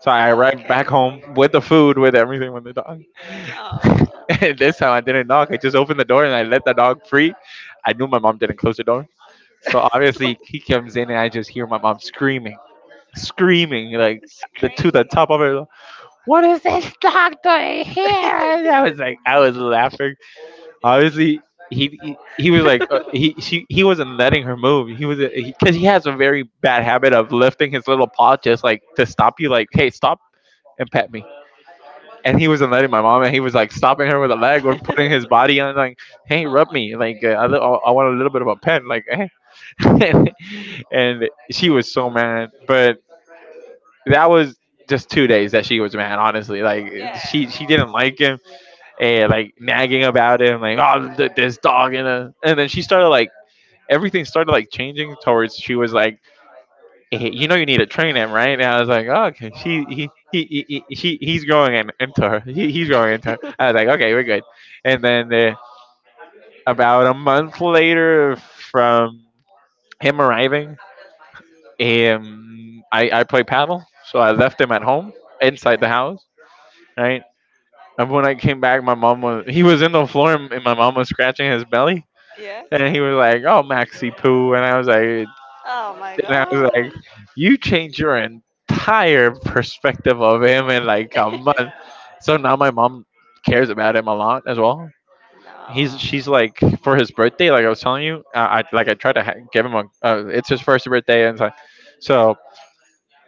So I arrived back Okay. home with the food, with everything, with the dog. Oh. And this time I didn't knock. I just opened the door and I let the dog free. I knew my mom didn't close the door. So obviously he comes in and I just hear my mom screaming screaming like the to Scream. the top of it. What is this dog doing here? And I was like, I was laughing. Obviously, he he, he was like, uh, he she he wasn't letting her move. He was because he, has a very bad habit of lifting his little paw just like to stop you, like, hey, stop and pet me. And he wasn't letting my mom, and he was like stopping her with a leg or putting his body on, like, hey, Oh rub my. me, like, uh, I, li- I I want a little bit of a pet, like, eh. and and she was Yes. so mad. But that was just two days that she was mad, honestly. Like she she didn't like him and like nagging about him like, oh, th- this dog. And uh, and then she started like everything started like changing towards. She was like, "Eh, you know you need to train him right." And I was like, oh, okay. she he he, he, he he- he's growing in, into her. He, he's growing into her. I was like, okay, we're good. And then uh, about a month later from him arriving, um, i i play paddle, so I left him at home inside the house, right? And when I came back, my mom was, he was in the floor and and my mom was scratching his belly, Yeah. and he Yeah. was like, "Oh, Maxi poo," and I was like, Oh my and I was like, god. "You changed your entire perspective of him in like a month." So now my mom cares about him a lot as well. He's No. She's like for his birthday, like I was telling you, I, I like I try to ha- give him a. Uh, it's his first birthday, and so, Yes. so Yes.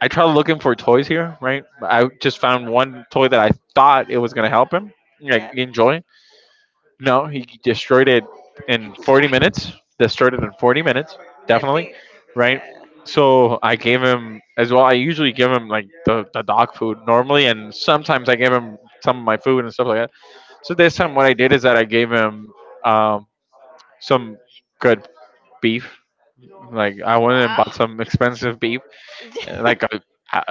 I tried looking for toys here, right? I just found one toy that I thought it was gonna help him like enjoy. No, he destroyed it in Hit the forty strike. minutes. Destroyed it in forty minutes, I definitely, think. right? Yeah. So I gave him as well. I usually give him like the, the dog food normally, and sometimes I give him some of my food and stuff like that. So this time, what I did is that I gave him um, some good beef. Like I Yeah. went and bought Wow. some expensive beef, like a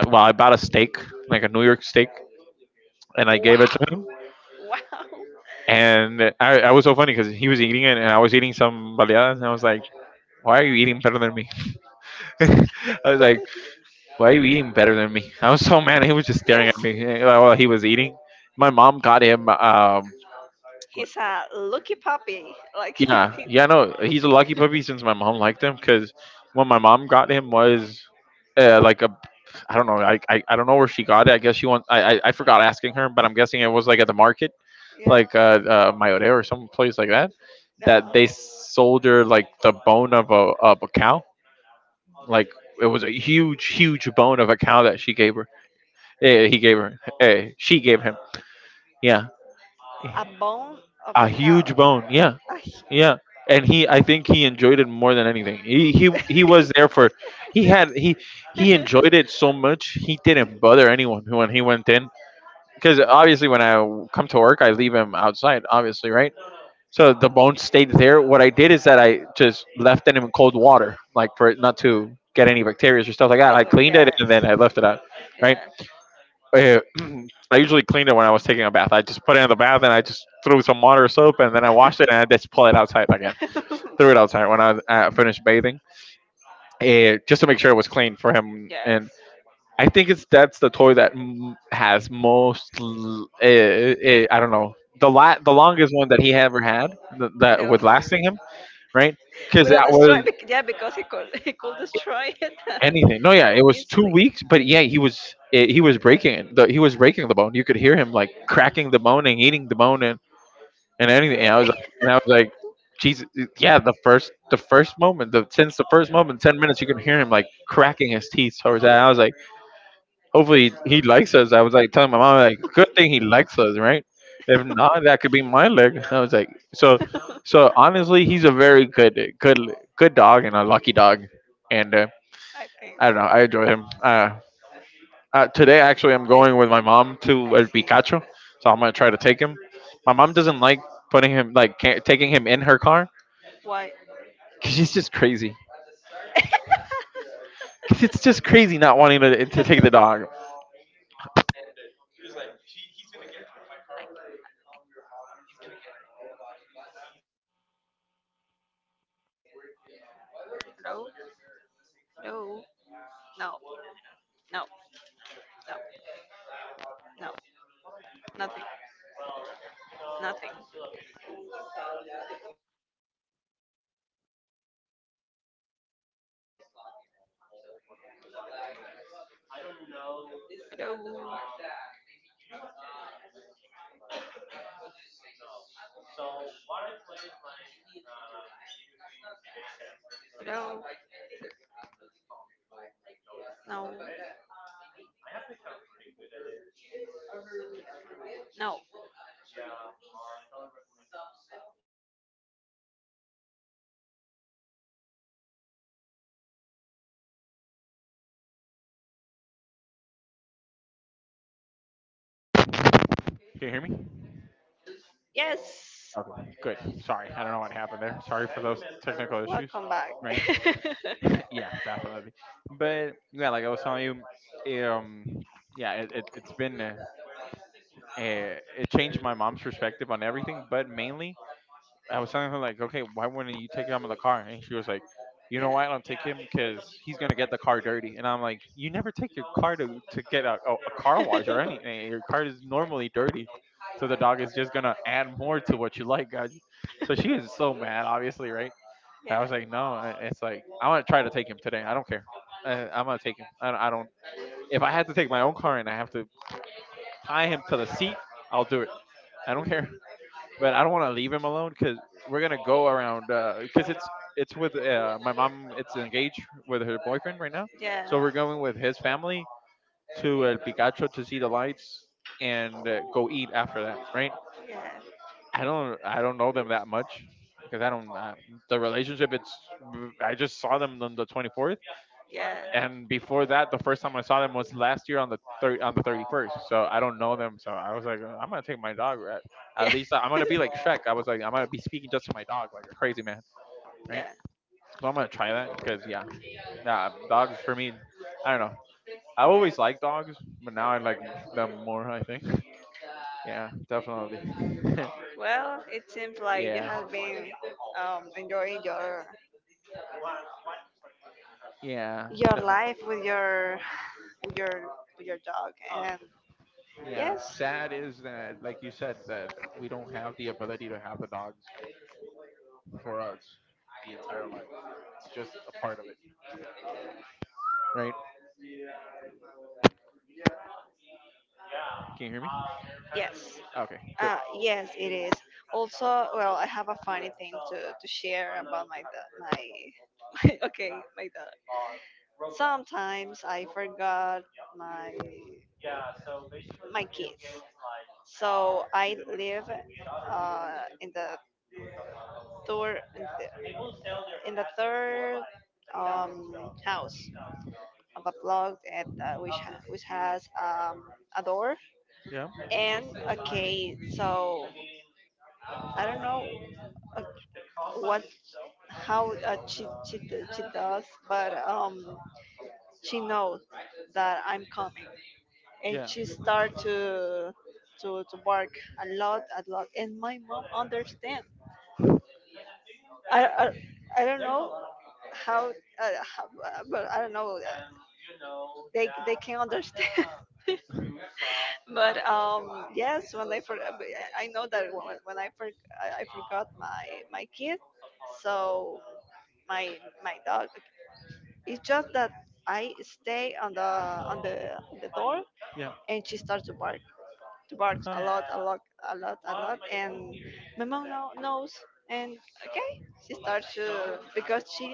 well, I bought a steak, like a New York steak, and I gave it to Wow. him. Wow. And I, I was so funny because he was eating it and I was eating some baleadas and I was like, why are you eating better than me? I was like, why are you eating better than me? I was so mad. He was just staring Yes. at me eh, while he was eating. My mom got him. Um, He's a lucky puppy. Like, Yeah, yeah, no, he's a lucky puppy since my mom liked him because when my mom got him was uh, like a. I don't know. I, I, I don't know where she got it. I guess she wants. I, I I forgot asking her, but I'm guessing it was like at the market yeah. like uh, uh Mayoreo or some place like that, that they soldered like the bone of a of a cow. Like it was a huge, huge bone of a cow that she gave her. Eh, he gave her. Eh, she gave him. Uh-huh. Yeah, A bone of a a cow. huge bone. Yeah, Ay. yeah. And he, I think he enjoyed it more than anything. He he he was there for. He had he he enjoyed it so much he didn't bother anyone when he went in, because obviously when I come to work I leave him outside, obviously, right? So the bone stayed there. What I did is that I just left it in cold water, like for it not to get any bacteria or stuff like that. I cleaned it Yes. and then I left it out, right? Yeah. Yeah. Uh, I I usually usually cleaned cleaned it it when when I I was was taking taking a a bath. bath. I I just just put put it it in in the the bath bath and and I I just just threw threw some some water water or or soap. soap And and then I I washed washed it and it I just pull it outside again. and Threw threw it it out. outside when I uh, finished bathing, uh, just to make sure it was clean for him. Yes. And I think it's that's the toy that m- has most. l- Uh, uh, I don't know the la- the longest one that he ever had th- that No. was lasting him, right? Because Without that was destroy, bec- yeah, because he could he could destroy it anything. No, yeah, it was two easily. weeks, but yeah, he was it, he was breaking it. The, he was breaking the bone. You could hear him like cracking the bone and eating the bone and and anything. And I Really? was like, and I was like, Jesus, yeah. The first the first moment, the since the first moment, ten minutes, you could hear him like cracking his teeth towards that. I was like, hopefully he likes us. I was like telling my mom like, good thing he I likes us, right? If not, that could be my leg. I was like, so. So honestly, he's a very good, good, good dog and a lucky dog, and uh, think I don't so. know. I enjoy him. Uh, uh, today, actually, I'm I going with my mom to El see. Picacho, so I'm gonna try to take him. My mom doesn't like putting him, like ca- taking him in her car, Why? because she's just crazy. Because it's just crazy not wanting to, to I- take the dog. No, no, no, no, no, no, nothing, nothing. No. No, no, no. Can you hear me? Yes, Okay, good. Sorry, I don't know what happened there. Sorry for those technical issues. welcome back. Right? Yeah, definitely. But yeah, like I was telling you, um, yeah, it, it it's been uh, uh, it changed my mom's perspective on everything, but mainly I I was was telling talking her like, like, okay, okay, why why wouldn't wouldn't you you take take him down in the the car? car? And She she was was like, you like, know. you know Yeah. why Why I don't not? take Yeah. him? Because Because he's he's gonna gonna get get the the car. car And I'm dirty. And I'm like, like, you you never never took take the your car car dirty. You to took to get it. a, a, a car The wash or car, normally, anything. Your car is normally you dirty, know, so the the dog dog is is just just gonna gonna add add a more word to to what what you you like. like, guys. But So she she got was so so mad, mad, obviously, obviously. right? And Yeah. I I was was like, like, "Oh, no, I- okay." it's So, like I'm I'm gonna gonna try try to to take take him it today. today. I I don't don't care. care. I'm I, I'm gonna gonna take take him. I, don't- I don't. it. If If I I have had to to take take my my own own car car and and I I have have to, to I tie have him to to the the seat, I'll do seat. it. I I don't don't care. care, but I don't want to leave him alone because we're gonna go around because it's it's with uh, my mom. It's engaged with her boyfriend right now, Yeah. so we're going with his family to El Picacho to see the lights and Yes. uh, go eat after that. Right? I don't I don't know them that much because I don't I, the relationship. It's I just saw them on the twenty-fourth, and before that, the first time I saw them was last year on the thir- on the thirty first. So I don't know them. So I was like, I'm gonna take my dog. At, at least I'm gonna be like Shrek. I was like, I'm gonna be speaking just to my dog like a crazy man, Yes. right? Yeah. So I'm gonna try that because yeah, yeah, dogs for me. I don't know. I always liked dogs, but now I like them more. I think. Yeah. Yeah, definitely. Well, it seems like yeah, you have been, um, enjoying your yeah, your no, life with your with your with your dog, and yeah. yes. Sad is that, like you said, that we don't have the ability to have the dogs for us the entire life. It's just a part of it, right? Can you hear me? Yeah. Um, Yes. Okay, good. Uh, yes, it is. Also, well, I have a funny thing to, to share about my da- my, my okay my dog. Sometimes I forgot my Yeah, so my video kids, like, so I live, uh, in the third, in the, in the third, like, um, house of a block that, uh, which ha- which has, um, a door, Yeah, and okay, so I don't know, uh, what how, uh, she, she she does, but um she knows that I'm coming, and yeah, she start to to to bark a lot, a lot, and my mom understand. I I, I don't know how, uh, how uh, but I don't know, uh, they they can understand. But, um, yes, when I for I I know that when, when I for I I forgot my my kid, so my my dog. It's just that I stay on the on the on the door, yeah, and she starts to bark, to bark huh, a lot, a lot, a lot, a lot, and my mom know, knows, and okay, she starts to, because she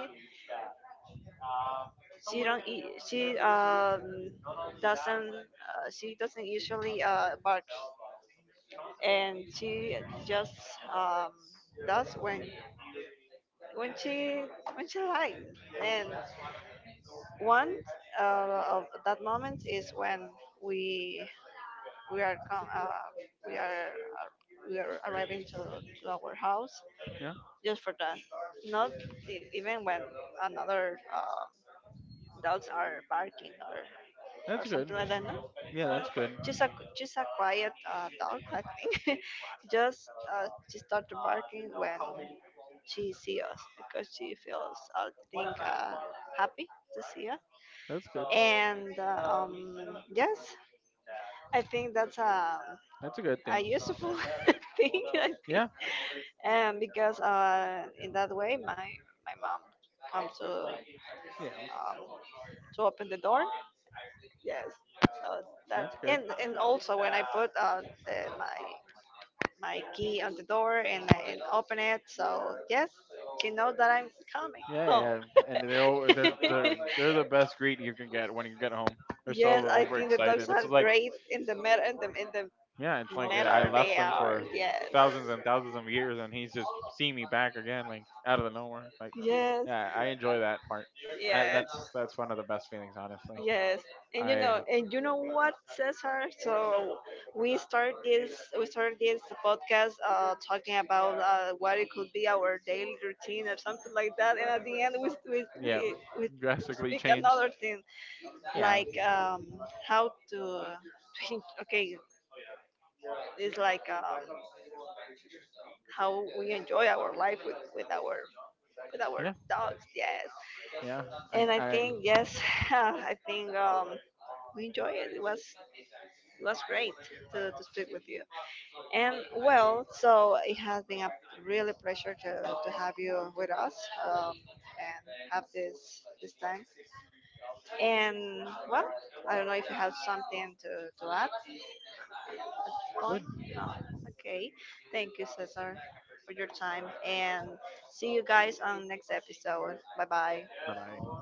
she don't eat, she um doesn't, uh, she doesn't usually uh bark, and she just, um, does when when she when she likes. And one, uh, of that moment is when we we are com- uh, we are uh, we are arriving, to, to our house, yeah. just for that. Not e- even when another, uh, dogs are barking, or, or That's good. something like that. No, Yeah, that's good. just a just a quiet, uh, dog, I think. Just, uh, she started barking when she see us, because she feels, I think, uh, happy to see us. That's good. And uh, um, yes, I think that's a, That's a good a thing. useful thing, I think. Yeah, And because, uh, in that way, my, my mom comes, to, yeah, um, to open the door. Yes. So that, that's good. and, and also when I put, uh, the, my, my key on the door, and, I- and open it. So yes, she knows that I'm coming Yeah, yeah. And they're all, they're home. they're they're the best greet you can get when you get home. They're Yes, so I think the dogs overexcited. are It's like great in the matter, in the in the yeah, it's like uh, I matter they left him are. for Yes. thousands and thousands of years, and he's just seeing me back again, like out of the nowhere. Like, Yes. yeah, I enjoy that part. Uh, Yes. that's that's one of the best feelings, honestly. Yes. And you I know and you know what, Cesar? So we start this we started this podcast, uh talking about, uh what it could be our daily routine or something like that, and at the end, we we yeah, we, we drastically speak changed. another thing, Yeah, like, um how to okay, it's like, um how we enjoy our life with, with our with our yeah, dogs. Yes. yeah. I And I I think, yes, I think, um, we enjoy it. It was it was great to, to speak with you. And well, so it has been a really pleasure to, to have you with us, um, and have this this time. And well, I don't know if you have something to, to add at this good. point? No. Okay. Thank you, Cesar, for your time. And see you guys on next episode. Bye bye. Bye